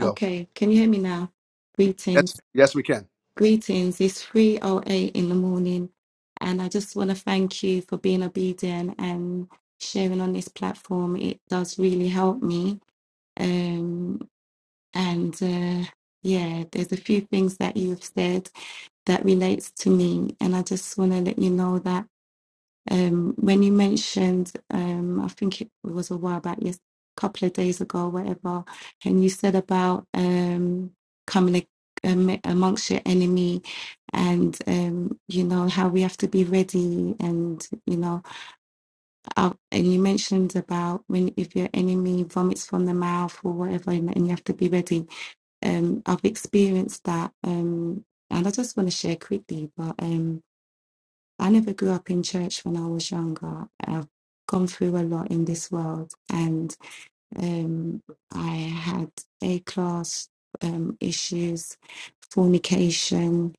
D: Okay, can you hear me now? Greetings. Greetings. It's 3:08 in the morning, and I just want to thank you for being obedient and sharing on this platform. It does really help me. Um, and uh, yeah, there's a few things that you've said that relates to me, and I just want to let you know that. Um, when you mentioned, um, I think it was a while back, yes, a couple of days ago, whatever, and you said about um, coming a- am- amongst your enemy and, um, you know, how we have to be ready. And, you know, uh, and you mentioned about when if your enemy vomits from the mouth or whatever, and, and you have to be ready. Um, I've experienced that. Um, and I just want to share quickly, but. Um, I never grew up in church when I was younger. I've gone through a lot in this world, and um, I had A class um, issues, fornication,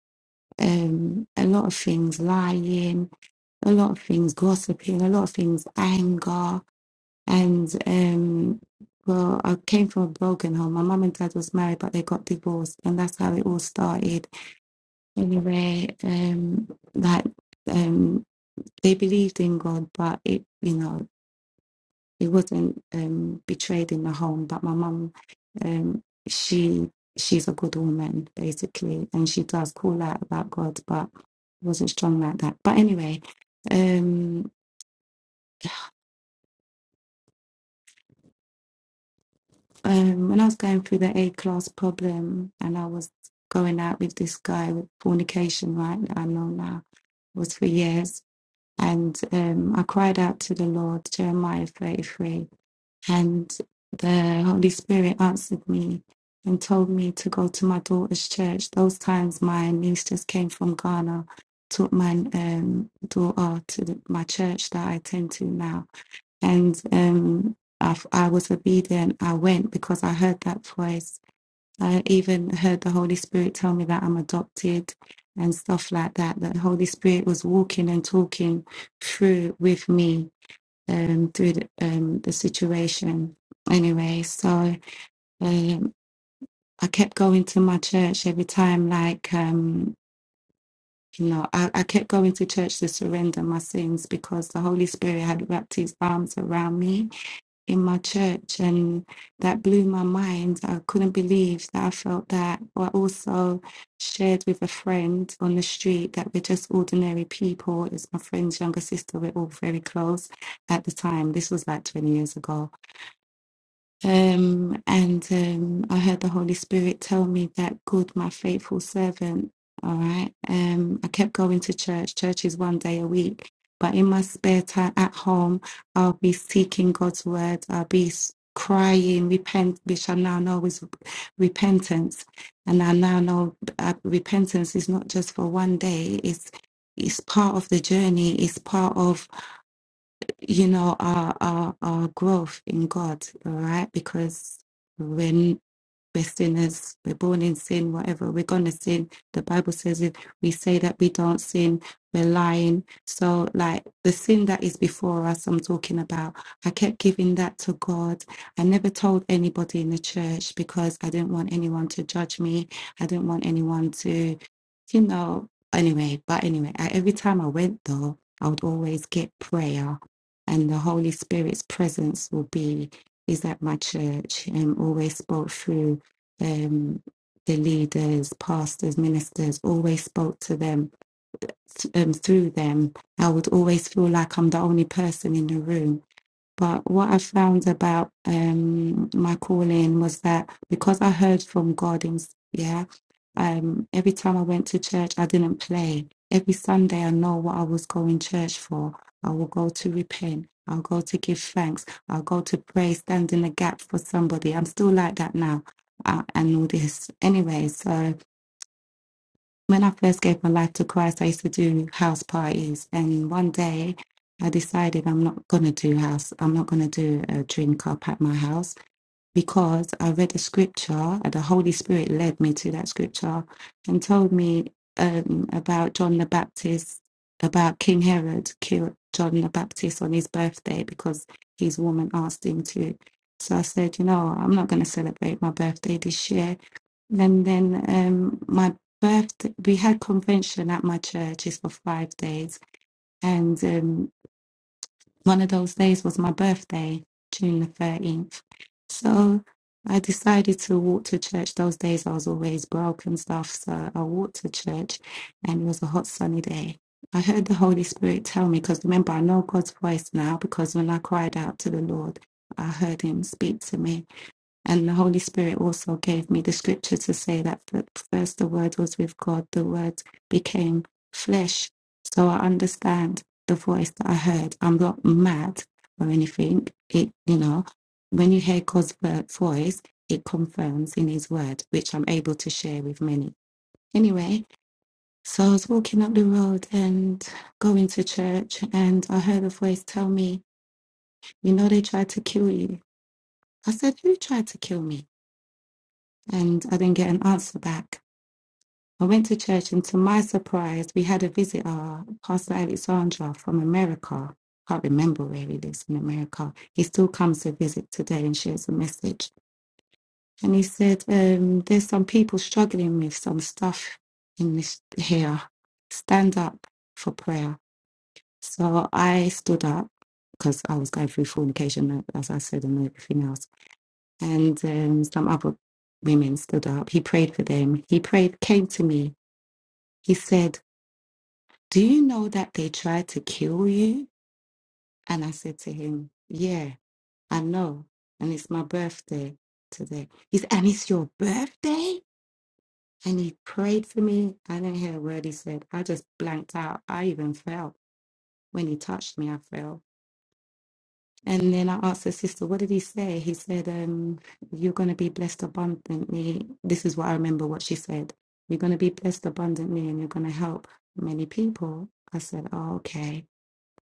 D: um, a lot of things, lying, a lot of things, gossiping, a lot of things, anger, and um, well, I came from a broken home. My mum and dad was married, but they got divorced, and that's how it all started. Anyway, um, like. Um, they believed in God, but it, you know, it wasn't um, betrayed in the home. But my mum, um, she she's a good woman basically, and she does call out about God, but wasn't strong like that. But anyway, um, um, when I was going through the A class problem, and I was going out with this guy with fornication, right? I know now was for years, and um, I cried out to the Lord, Jeremiah thirty three And the Holy Spirit answered me and told me to go to my daughter's church. Those times, my niece just came from Ghana, took my um, daughter to the, my church that I attend to now. And um, I, f- I was obedient. I went because I heard that voice. I even heard the Holy Spirit tell me that I'm adopted and stuff like that. The Holy Spirit was walking and talking through with me um, through the, um, the situation anyway. So um, I kept going to my church every time, like, um, you know, I, I kept going to church to surrender my sins because the Holy Spirit had wrapped his arms around me in my church. And that blew my mind. I couldn't believe that I felt that. I also shared with a friend on the street that we're just ordinary people. It's my friend's younger sister. We're all very close at the time. This was like 20 years ago Um, and um, I heard the Holy Spirit tell me that, good, my faithful servant. All right. Um, I kept going to church. Church is one day a week. But in my spare time at home, I'll be seeking God's word. I'll be s- crying, repent, which I now know is repentance. And I now know uh, repentance is not just for one day, it's, it's part of the journey, it's part of you know, our, our, our growth in God, all right? Because when we're sinners. We're born in sin, whatever. We're going to sin. The Bible says if we say that we don't sin, we're lying. So, like the sin that is before us, I'm talking about, I kept giving that to God. I never told anybody in the church because I didn't want anyone to judge me. I didn't want anyone to, you know, anyway. But anyway, I, every time I went, though, I would always get prayer, and the Holy Spirit's presence will be is at my church and always spoke through um, the leaders, pastors, ministers always spoke to them th- um, through them. I would always feel like I'm the only person in the room but what I found about um, my calling was that because I heard from God, in, yeah, um, every time I went to church, I didn't play. Every Sunday, I know what I was going church for. I will go to repent. I'll go to give thanks. I'll go to pray, stand in the gap for somebody. I'm still like that now, uh, and all this. Anyway, so when I first gave my life to Christ, I used to do house parties. And one day I decided I'm not going to do house, I'm not going to do a drink up at my house because I read a scripture and the Holy Spirit led me to that scripture and told me um, about John the Baptist, about King Herod killed John the Baptist on his birthday because his woman asked him to. So I said, you know, I'm not going to celebrate my birthday this year. And then um, my birthday, we had convention at my church. It's for five days, and um, one of those days was my birthday, June the 13th. So I decided to walk to church. Those days I was always broke and stuff. So I walked to church and it was a hot sunny day. I heard the Holy Spirit tell me, because remember, I know God's voice now because when I cried out to the Lord, I heard him speak to me. And the Holy Spirit also gave me the scripture to say that f- first the Word was with God, the Word became flesh. So I understand the voice that I heard. I'm not mad or anything. It, you know, when you hear God's vo- voice, it confirms in His Word, which I'm able to share with many. Anyway, so I was walking up the road and going to church, and I heard a voice tell me, You know, they tried to kill you. I said, Who tried to kill me? and I didn't get an answer back. I went to church, and to my surprise, we had a visitor, Pastor Alexandra from America. Can't remember where he lives in America. He still comes to visit today and shares a message. And he said, um, "There's some people struggling with some stuff in this here. Stand up for prayer." So I stood up because I was going through fornication, as I said, and everything else and um, some other women stood up. He prayed for them. He prayed, came to me. He said, Do you know that they tried to kill you? And I said to him, Yeah, I know. And it's my birthday today. He said, And it's your birthday? And he prayed for me. I didn't hear a word he said. I just blanked out. I even fell. When he touched me, I fell. And then I asked the sister, what did he say? He said, um, You're going to be blessed abundantly. This is what I remember what she said. You're going to be blessed abundantly and you're going to help many people. I said, Oh, okay.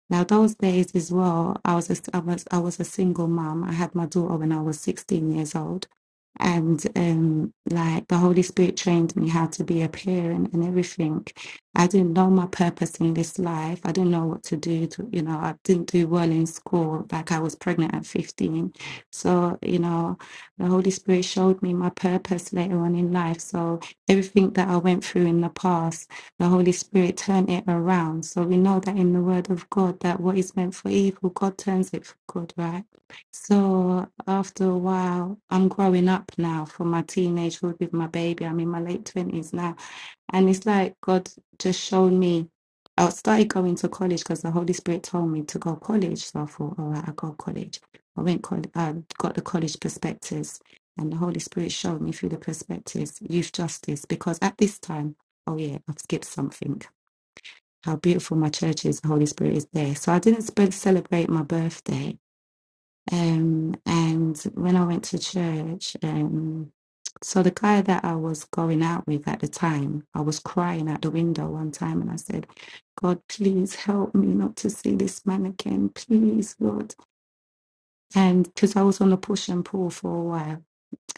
D: Now, those days as well, I was a, I was I was a single mom. I had my daughter when I was 16 years old, and um, like the Holy Spirit trained me how to be a parent and everything. I didn't know my purpose in this life. I didn't know what to do. To, you know, I didn't do well in school. Like I was pregnant at 15, so you know, the Holy Spirit showed me my purpose later on in life. So everything that I went through in the past the Holy Spirit turn it around. So we know that in the Word of God, that what is meant for evil, God turns it for good, right? So after a while, I'm growing up now from my teenagehood with my baby. I'm in my late 20s now. And it's like God just showed me. I started going to college because the Holy Spirit told me to go college. So I thought, all right, I go college. I went, college, I got the college perspectives, and the Holy Spirit showed me through the perspectives youth justice. Because at this time, Oh, yeah, I've skipped something. How beautiful my church is, the Holy Spirit is there. So I didn't sp- celebrate my birthday. Um, and when I went to church, um, so the guy that I was going out with at the time, I was crying at the window one time and I said, God, please help me not to see this man again. Please, Lord. And because I was on a push and pull for a while.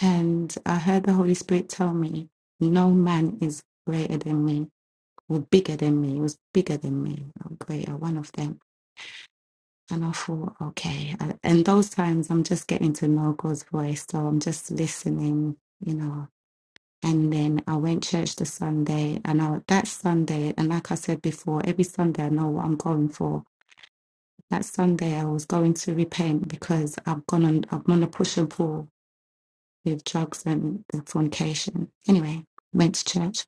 D: And I heard the Holy Spirit tell me, no man is greater than me were bigger than me, was bigger than me, I'm greater, one of them. And I thought, okay. I- And those times I'm just getting to know God's voice. So I'm just listening, you know. And then I went church the Sunday and I, that Sunday, and like I said before, every Sunday I know what I'm going for. That Sunday I was going to repent because I've gone on, I've gone to push and pull with drugs and fornication. Anyway, went to church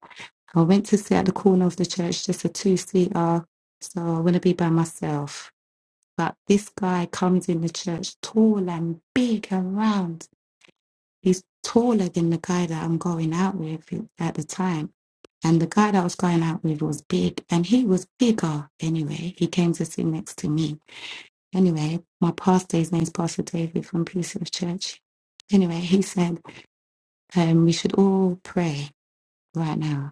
D: I went to sit at the corner of the church, just a two seater, so I want to be by myself. But this guy comes in the church tall and big and round. He's taller than the guy that I'm going out with at the time. And the guy that I was going out with was big, and he was bigger anyway. He came to sit next to me. Anyway, my pastor, his name's Pastor David from Peace of Church. Anyway, he said, um, we should all pray right now.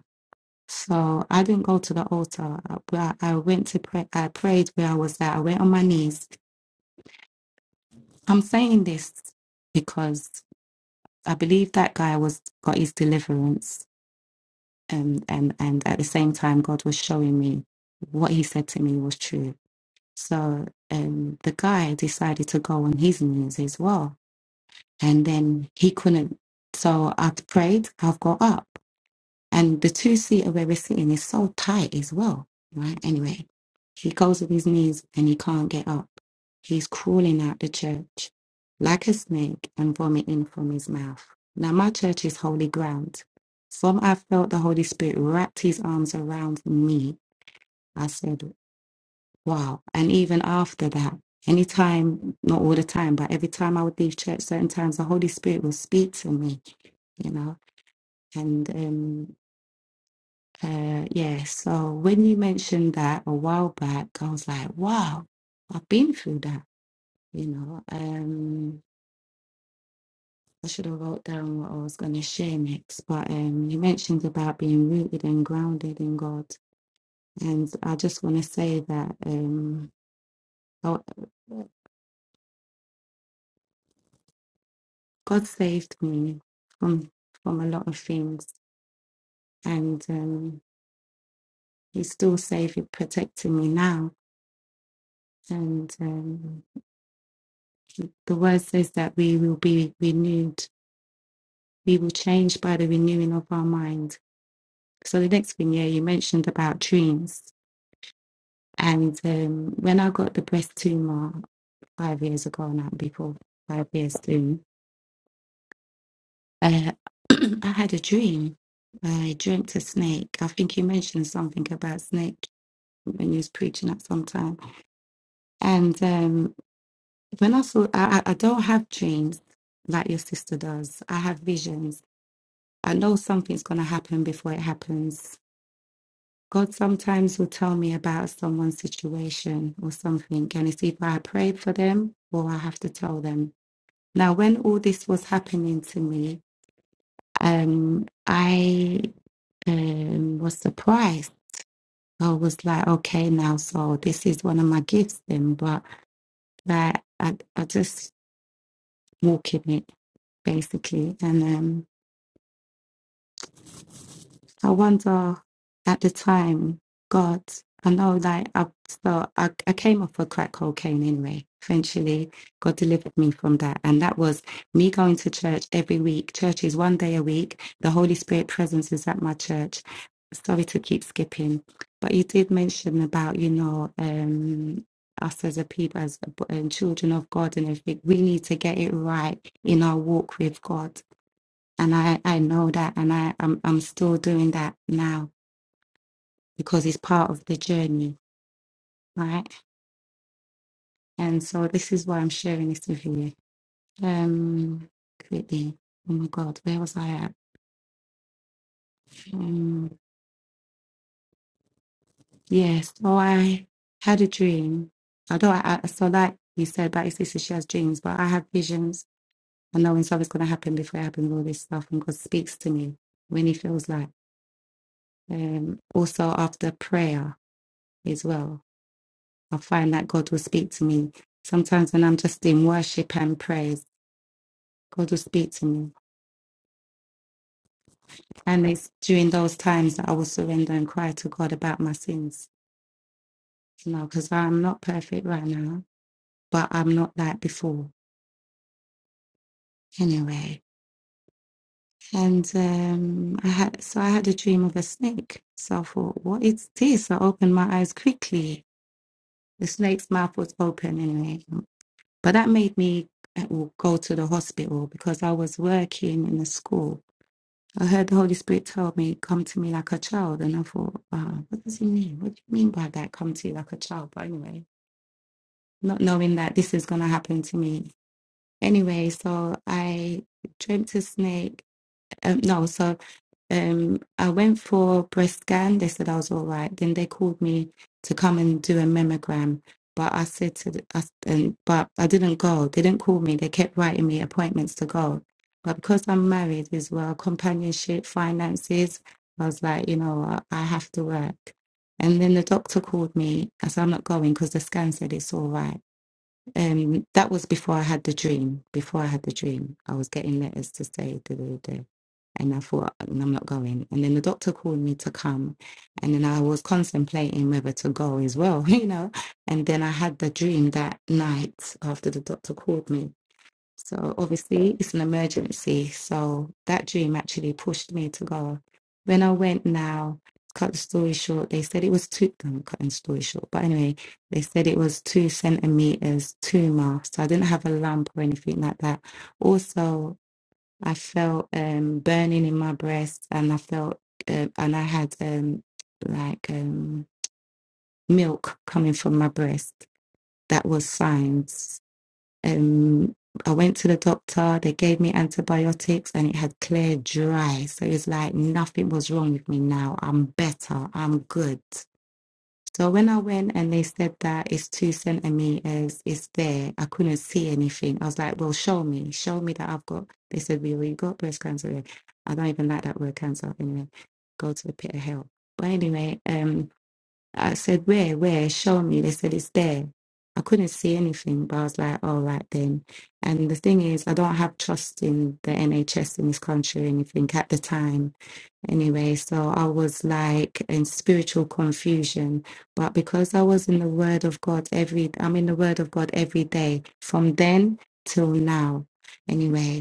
D: So I didn't go to the altar. I, I I went to pray. I prayed where I was at. I went on my knees. I'm saying this because I believe that guy was got his deliverance, and and and at the same time, God was showing me what he said to me was true. So um, the guy decided to go on his knees as well, and then he couldn't. So I prayed. I've got up. And the two seater where we're sitting is so tight as well, right? Anyway, he goes with his knees and he can't get up. He's crawling out the church like a snake and vomiting from his mouth. Now, my church is holy ground. From I felt the Holy Spirit wrapped his arms around me. I said, wow. And even after that, anytime, not all the time, but every time I would leave church, certain times the Holy Spirit will speak to me, you know. And um, uh, yeah, so when you mentioned that a while back, I was like, wow, I've been through that, you know. Um, I should have wrote down what I was going to share next, but um, you mentioned about being rooted and grounded in God. And I just want to say that um, I- God saved me from from a lot of things, and um, He's still saving, protecting me now. And um, the word says that we will be renewed we will change by the renewing of our mind. So the next thing, yeah, you mentioned about dreams. And um, when I got the breast tumor five years ago, now before five years soon, uh, I had a dream. I dreamt a snake. I think you mentioned something about snake when you was preaching at some time. And um, when I saw, I, I I don't have dreams like your sister does. I have visions. I know something's going to happen before it happens God sometimes will tell me about someone's situation or something, and it's either I pray for them or I have to tell them. Now, when all this was happening to me, um, I um, was surprised. I was like, okay, now, so this is one of my gifts, then, but like, I, I just walk in it basically. And um, I wonder at the time, God, I know that I, so I, I came off a crack cocaine anyway. Eventually, God delivered me from that. And that was me going to church every week. Church is one day a week. The Holy Spirit presence is at my church. Sorry to keep skipping, but you did mention about, you know, um, us as a people, as um, children of God and everything, we need to get it right in our walk with God and I I know that, and I I'm I'm still doing that now because it's part of the journey, right? And so this is why I'm sharing this with you. Um, quickly. Oh my God, where was I at? Um, yes. Oh, I had a dream. Although I, I so like you said that it's this she has dreams, but I have visions. I know when something's gonna happen before it happens, all this stuff, and God speaks to me when He feels like. Um, also after prayer as well I find that God will speak to me. Sometimes when I'm just in worship and praise, God will speak to me. And it's during those times that I will surrender and cry to God about my sins. You know, because I'm not perfect right now, but I'm not like before anyway. And um, I had so I had a dream of a snake. So I thought, what is this? I opened my eyes quickly. The snake's mouth was open anyway. But that made me uh, go to the hospital because I was working in a school I heard the Holy Spirit tell me, come to me like a child. And I thought, uh, what does he mean? What do you mean by that? Come to you like a child. But anyway, not knowing that this is going to happen to me. Anyway, so I dreamt a snake. Um, no, so um, I went for breast scan. They said I was all right. Then they called me to come and do a mammogram, but I said to the, I, s- and, but I didn't go. They didn't call me. They kept writing me appointments to go, but because I'm married as well, companionship, finances, I was like, you know, I, I have to work. And then the doctor called me. I said I'm not going because the scan said it's all right. Um, that was before I had the dream. Before I had the dream, I was getting letters to say da da da, da. and I thought "Mm, I'm not going. And then the doctor called me to come, and then I was contemplating whether to go as well, you know. And then I had the dream that night after the doctor called me, so obviously it's an emergency. So that dream actually pushed me to go. When I went now, to cut the story short, they said it was two no, I'm cutting the story short. But anyway, they said it was two centimeters tumor. So I didn't have a lump or anything like that. Also, I felt um burning in my breast and I felt uh, and I had um like um milk coming from my breast. That was signs um, I went to the doctor, they gave me antibiotics and it had cleared dry. So it's like nothing was wrong with me now. I'm better, I'm good. So when I went and they said that it's two centimeters, it's there, I couldn't see anything. I was like, well, show me, show me that I've got. They said, well, you got breast cancer. I don't even like that word cancer. Anyway, go to the pit of hell. But anyway, um, I said, Where, where? Show me. They said, It's there. I couldn't see anything, but I was like, All right then. And the thing is, I don't have trust in the NHS in this country or anything at the time. Anyway, so I was like in spiritual confusion. But because I was in the Word of God every, I'm in the Word of God every day from then till now. Anyway,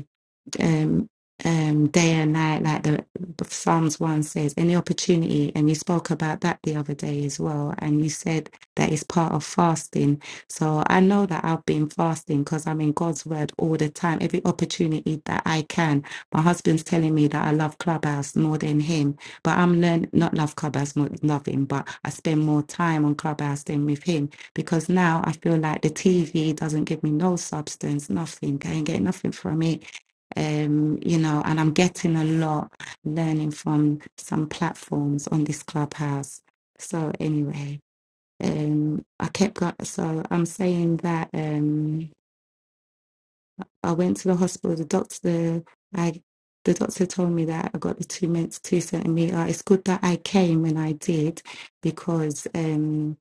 D: um, um, day and night, like the Psalms 1 says, any opportunity. And you spoke about that the other day as well. And you said that it's part of fasting. So I know that I've been fasting because I'm in God's word all the time, every opportunity that I can. My husband's telling me that I love Clubhouse more than him, but I'm learning, not love Clubhouse more than love him, but I spend more time on Clubhouse than with him because now I feel like the TV doesn't give me no substance, nothing. I ain't getting nothing from it um, you know, and I'm getting a lot learning from some platforms on this clubhouse. So anyway, um, I kept go So I'm saying that um, I went to the hospital. The doctor, I, the doctor told me that I got the two minutes, two centimeter. It's good that I came when I did, because um,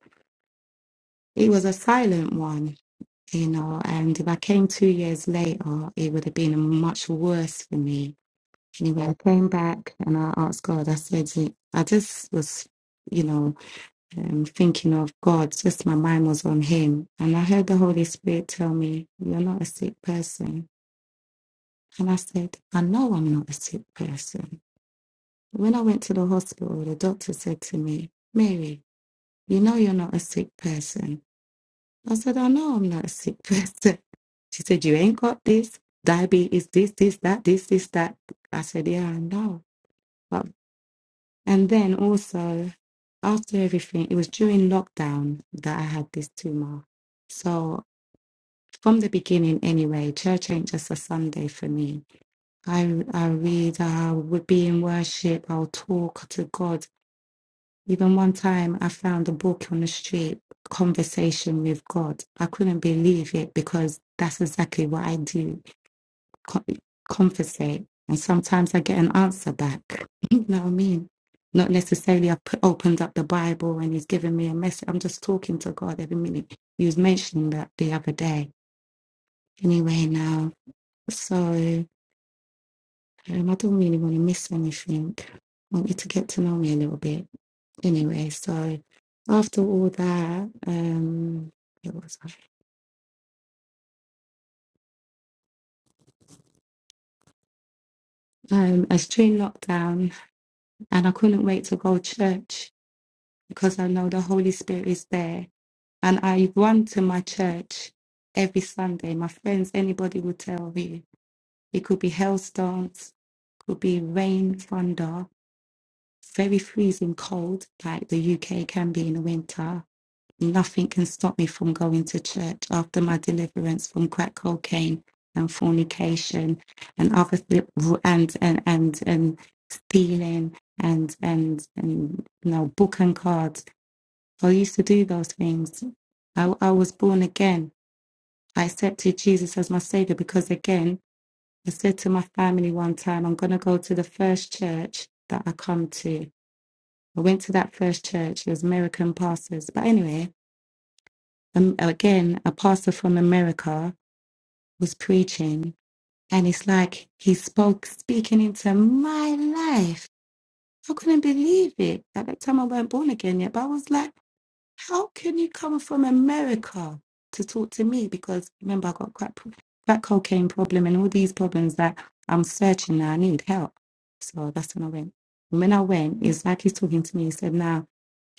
D: it was a silent one. You know, and if I came two years later, it would have been much worse for me Anyway, I came back and I asked God, I said, I just was, you know, um, thinking of God, just my mind was on Him. And I heard the Holy Spirit tell me, You're not a sick person. And I said, I know I'm not a sick person. When I went to the hospital, the doctor said to me, Mary, you know you're not a sick person. I said, I know I'm not a sick person. She said, You ain't got this, diabetes, this, this, that, this, this, that. I said, Yeah, I know. And then also, after everything, it was during lockdown that I had this tumor. So from the beginning, anyway, church ain't just a Sunday for me. I I read, I would be in worship, I'll talk to God. Even one time, I found a book on the street, Conversation with God. I couldn't believe it because that's exactly what I do co- conversate and sometimes I get an answer back. You know what I mean? Not necessarily i put, opened up the Bible and he's giving me a message. I'm just talking to God every minute. He was mentioning that the other day. Anyway, now, so um, I don't really want to miss anything. I want you to get to know me a little bit. Anyway, so after all that, um, it was um, I was during lockdown and I couldn't wait to go to church because I know the Holy Spirit is there And I run to my church every Sunday. My friends, anybody will tell you. It could be hailstones, could be rain, thunder, very freezing cold, like the UK can be in the winter. Nothing can stop me from going to church after my deliverance from crack cocaine and fornication and other th- and and and and stealing and and and you know book and cards. I used to do those things. I, I was born again I accepted Jesus as my savior because, again, I said to my family one time, I'm going to go to the first church that I come to. I went to that first church, it was American pastors. But anyway, um, again, a pastor from America was preaching, and it's like he spoke, speaking into my life. I couldn't believe it. At that time, I weren't born again yet, but I was like, How can you come from America to talk to me? Because remember, I got crack, crack cocaine problem and all these problems that I'm searching now. I need help. So that's when I went. And when I went, it's like he's talking to me. He said, Now,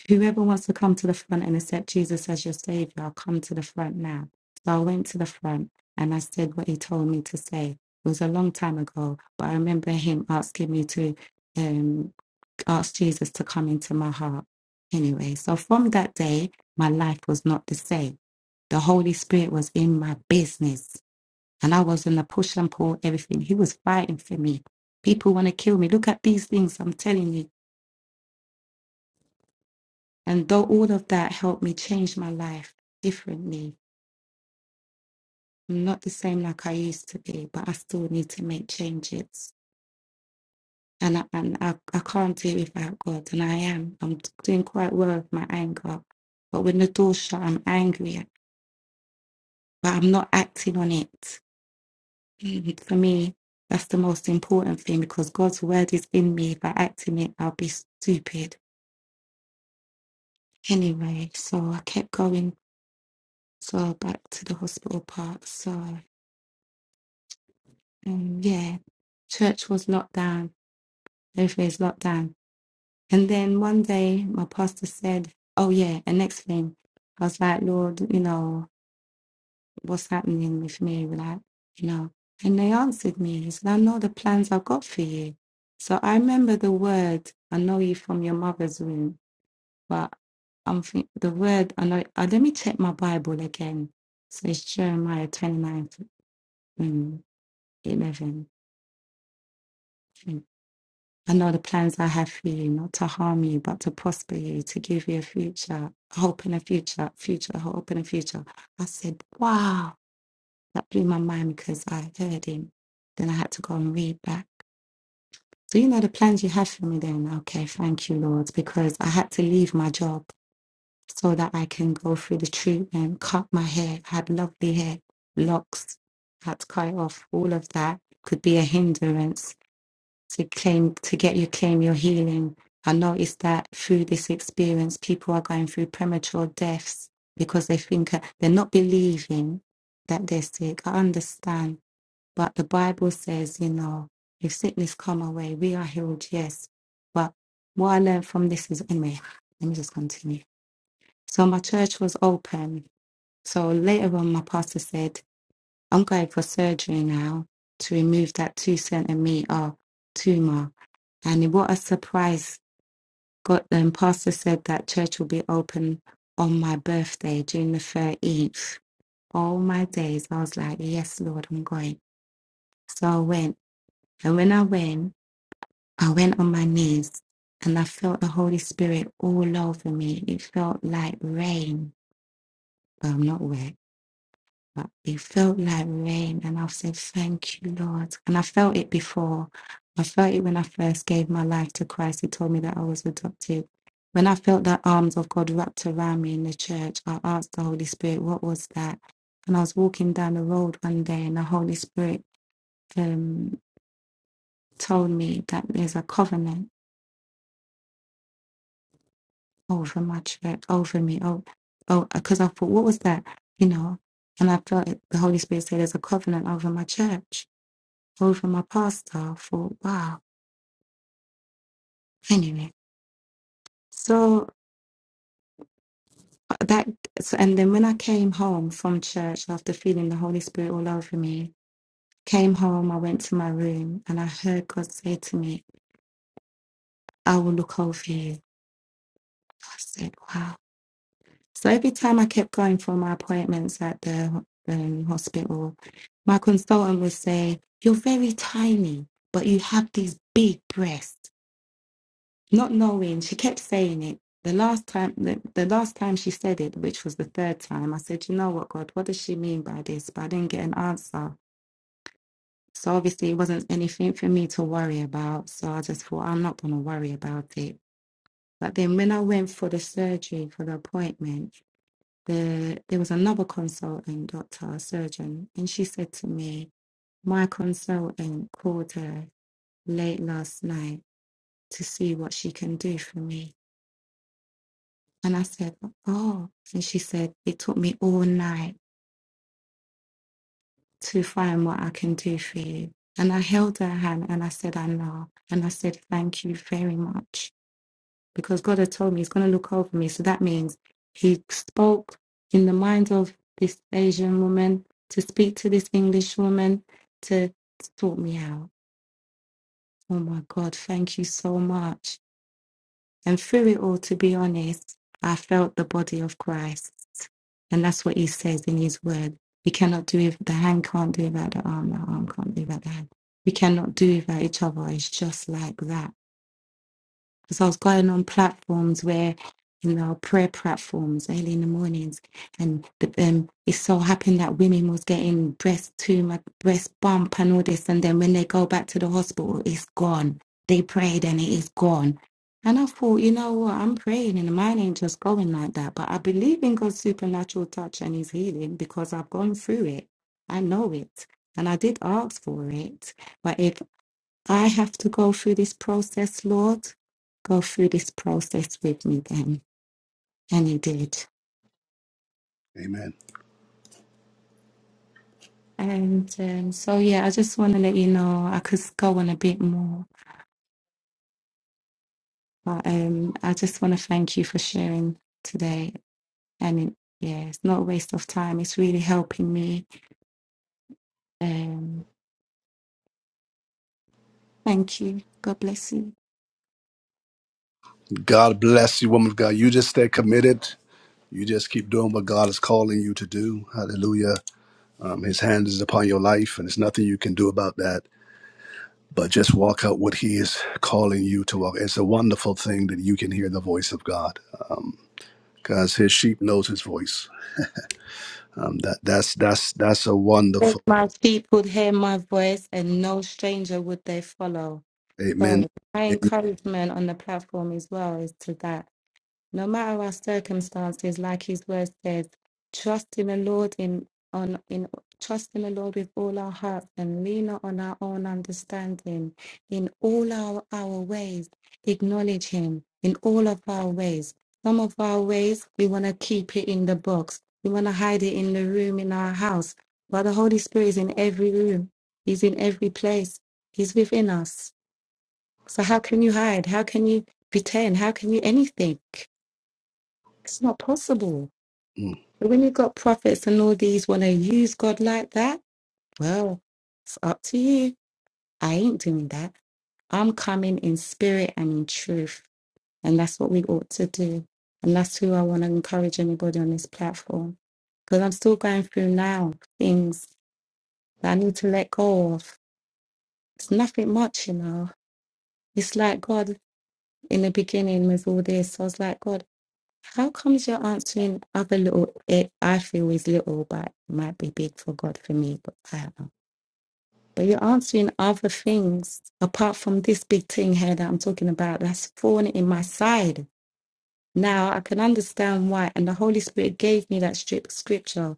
D: whoever wants to come to the front and accept Jesus as your savior, I'll come to the front now. So I went to the front and I said what he told me to say. It was a long time ago, but I remember him asking me to. um asked Jesus to come into my heart. Anyway, so from that day, my life was not the same. The Holy Spirit was in my business, and I was in the push and pull, everything. He was fighting for me. People want to kill me. Look at these things, I'm telling you. And though all of that helped me change my life differently, I'm not the same like I used to be, but I still need to make changes. And I, and I, I can't do it without God, and I am. I'm doing quite well with my anger. But when the door shut, I'm angry but I'm not acting on it. Mhm. For me, that's the most important thing because God's word is in me. If I act in it, I'll be stupid. Anyway, so I kept going. So back to the hospital part. So um, yeah, church was locked down. Everything is locked down. And then one day, my pastor said, "Oh yeah." And next thing, I was like, "Lord, you know." what's happening with me, like, you know. And they answered me, He said, I know the plans I've got for you. So I remember the word, I know you from your mother's womb, but I'm think the word, I know, uh, let me check my Bible again. So it's Jeremiah 29, um, 11. Mm. I know the plans I have for you, not to harm you, but to prosper you, to give you a future, hope in a future, future, hope in a future. I said, wow. That blew my mind because I heard him. Then I had to go and read back. So, you know, the plans you have for me then, okay, thank you, Lord, because I had to leave my job so that I can go through the treatment, cut my hair. I had lovely hair, locks, had to cut it off. All of that could be a hindrance to claim, to get you claim your healing. I noticed that through this experience, people are going through premature deaths because they think uh, they're not believing that they're sick. I understand but the Bible says, you know, if sickness come away, we are healed, yes. But what I learned from this is, anyway, let me just continue. So my church was open. So later on, my pastor said, I'm going for surgery now to remove that two centimeter tumor. And what a surprise. Got um, pastor said that church will be open on my birthday, June the 13th. All my days, I was like, yes, Lord, I'm going. So I went. And when I went, I went on my knees and I felt the Holy Spirit all over me. It felt like rain. Well, I'm not wet, but it felt like rain. And I said, Thank you, Lord. And I felt it before. I felt it when I first gave my life to Christ. He told me that I was adopted. When I felt the arms of God wrapped around me in the church, I asked the Holy Spirit, What was that? And I was walking down the road one day and the Holy Spirit um, told me that there's a covenant over my church, over me, oh, oh, because I thought, what was that, you know? And I felt it- the Holy Spirit said, "There's a covenant over my church, over my pastor." I thought, wow. Anyway, so uh, that, so, and then when I came home from church after feeling the Holy Spirit all over me, came home, I went to my room, and I heard God say to me, "I will look over you." I said, "Wow." So every time I kept going for my appointments at the um, hospital, my consultant would say, You're very tiny, but you have these big breasts. Not knowing, she kept saying it. The last time, the, the last time she said it, which was the third time, I said, "You know what, God? What does she mean by this?" But I didn't get an answer. So obviously, it wasn't anything for me to worry about. So I just thought, I'm not going to worry about it. But then when I went for the surgery for the appointment, the there was another consultant doctor, a surgeon, and she said to me, My consultant called her late last night to see what she can do for me. And I said, Oh. And she said, It took me all night to find what I can do for you. And I held her hand and I said, I know. And I said, Thank you very much. because God had told me He's going to look over me. So that means He spoke in the mind of this Asian woman to speak to this English woman to to sort me out. Oh my God, thank you so much. And through it all, to be honest, I felt the body of Christ. And that's what He says in His word. We cannot do it. the hand can't do without the arm, the arm can't do without the hand. We cannot do without each other. It's just like that because I was going on platforms where, you know, prayer platforms early in the mornings, and the, um, it so happened that women was getting breast tumor, breast bump, and all this, and then when they go back to the hospital, it's gone. They prayed and it is gone. And I thought, you know what, I'm praying and mine ain't just going like that. But I believe in God's supernatural touch and his healing because I've gone through it. I know it. And I did ask for it. But if I have to go through this process, Lord. Go through this process with me then. And He did. And um, so, yeah, I just want to let you know I could go on a bit more, but um, I just want to thank you for sharing today. And it, yeah, it's not a waste of time, it's really helping me. Um, thank you. God bless you. If My sheep would hear my voice, and no stranger would they follow. So, my encouragement on the platform as well is to that. no matter our circumstances, like his word says, trust in the Lord in on in trust in the Lord with all our hearts and lean not on our own understanding. In all our, our ways, acknowledge him in all of our ways. Some of our ways we want to keep it in the box. We want to hide it in the room in our house. But the Holy Spirit is in every room. He's in every place. He's within us. So how can you hide? How can you pretend? How can you anything? It's not possible. But when you've got prophets and all these want to use God like that, well, it's up to you. I ain't doing that. I'm coming in spirit and in truth. And that's what we ought to do. And that's who I want to encourage anybody on this platform. Because I'm still going through now things that I need to let go of. It's nothing much, you know. It's like God in the beginning with all this. So I was like, God. How comes you're answering other little? It I feel is little, but might be big for God for me. But I don't know. But you're answering other things apart from this big thing here that I'm talking about. That's fallen in my side. Now I can understand why, and the Holy Spirit gave me that strip scripture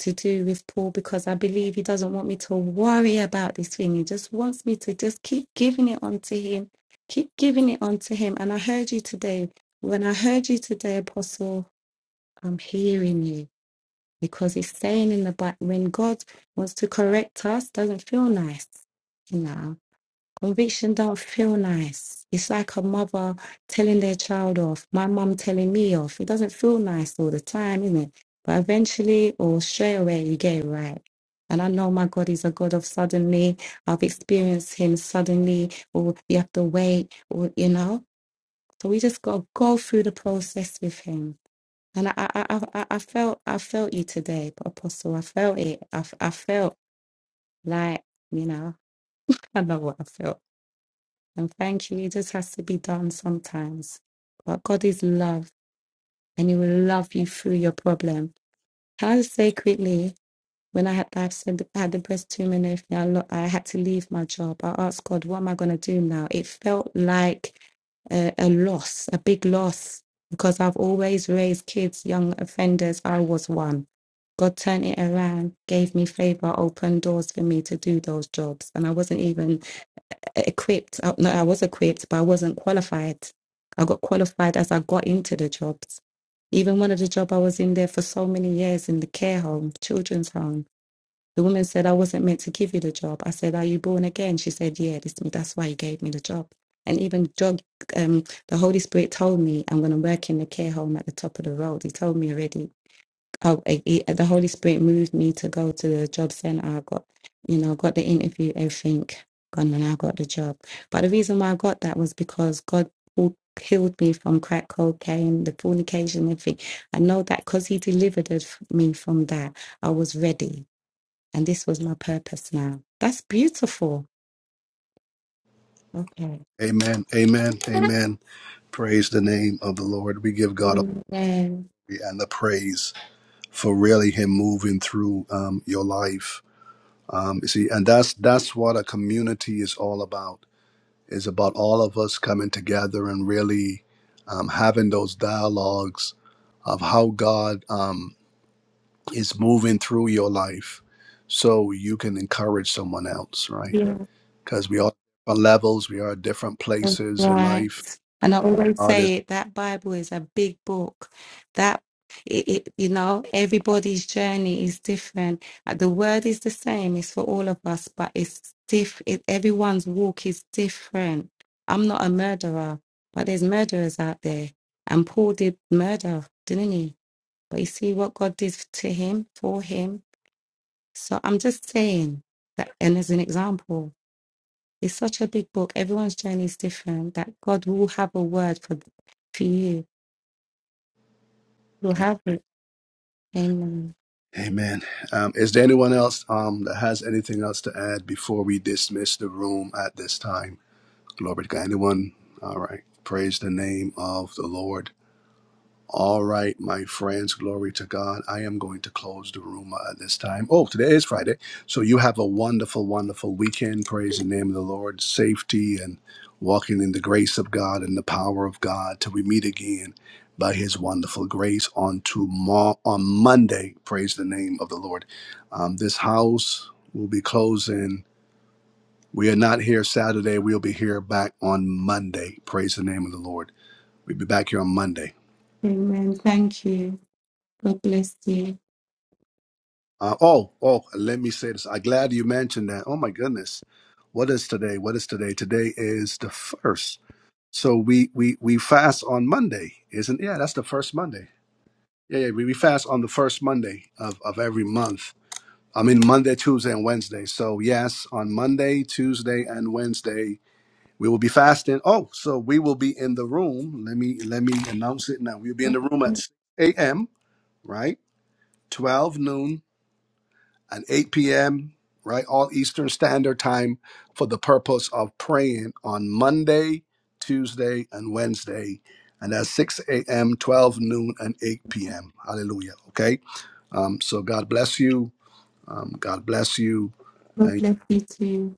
D: to do with Paul because I believe he doesn't want me to worry about this thing. He just wants me to just keep giving it onto him, keep giving it onto him. And I heard you today. When I heard you today, Apostle. I'm hearing you because it's saying in the Bible when God wants to correct us, doesn't feel nice. You know, conviction don't feel nice. It's like a mother telling their child off. My mum telling me off. It doesn't feel nice all the time, isn't it? But eventually or straight away, you get it right. And I know my God is a God of suddenly. I've experienced Him suddenly, or you have to wait, or you know. So we just got to go through the process with Him and I, I, I, I I felt, I felt you today, Apostle. I felt it. I, f- I felt like, you know, I know what I felt. And thank you. It just has to be done sometimes. But God is love, and He will love you through your problem. Can I just say quickly? When I had I said I had the breast tumor and everything, I, lo- I had to leave my job. I asked God, "What am I going to do now?" It felt like a, a loss, a big loss, because I've always raised kids, young offenders. I was one. God turned it around, gave me favor, opened doors for me to do those jobs. And I wasn't even equipped. Uh, No, I was equipped, but I wasn't qualified. I got qualified as I got into the jobs. Even one of the job I was in there for so many years in the care home, children's home the woman said, I wasn't meant to give you the job. I said, Are you born again? She said, Yeah, this, that's why you gave me the job. And even jog, um, the Holy Spirit told me, and when I'm going to work in the care home at the top of the road. He told me already. Oh, eh, he, the Holy Spirit moved me to go to the job center. I got, you know, got the interview, everything, gone, and I got the job. But the reason why I got that was because God pulled- healed me from crack cocaine, the fornication, everything. I know that because He delivered me from that, I was ready and this was my purpose now. That's beautiful. Okay. Amen. Yeah, that's right. And I always say it, that Bible is a big book. That it, it, you know, everybody's journey is different. Uh, The word is the same. It's for all of us, but it's diff. It, everyone's walk is different. I'm not a murderer, but there's murderers out there. And Paul did murder, didn't he? But you see what God did to him, for him So I'm just saying that, and as an example, it's such a big book. Everyone's journey is different. That God will have a word for for you. He'll have it. Amen. Amen. Thank you. God bless you. God bless you too.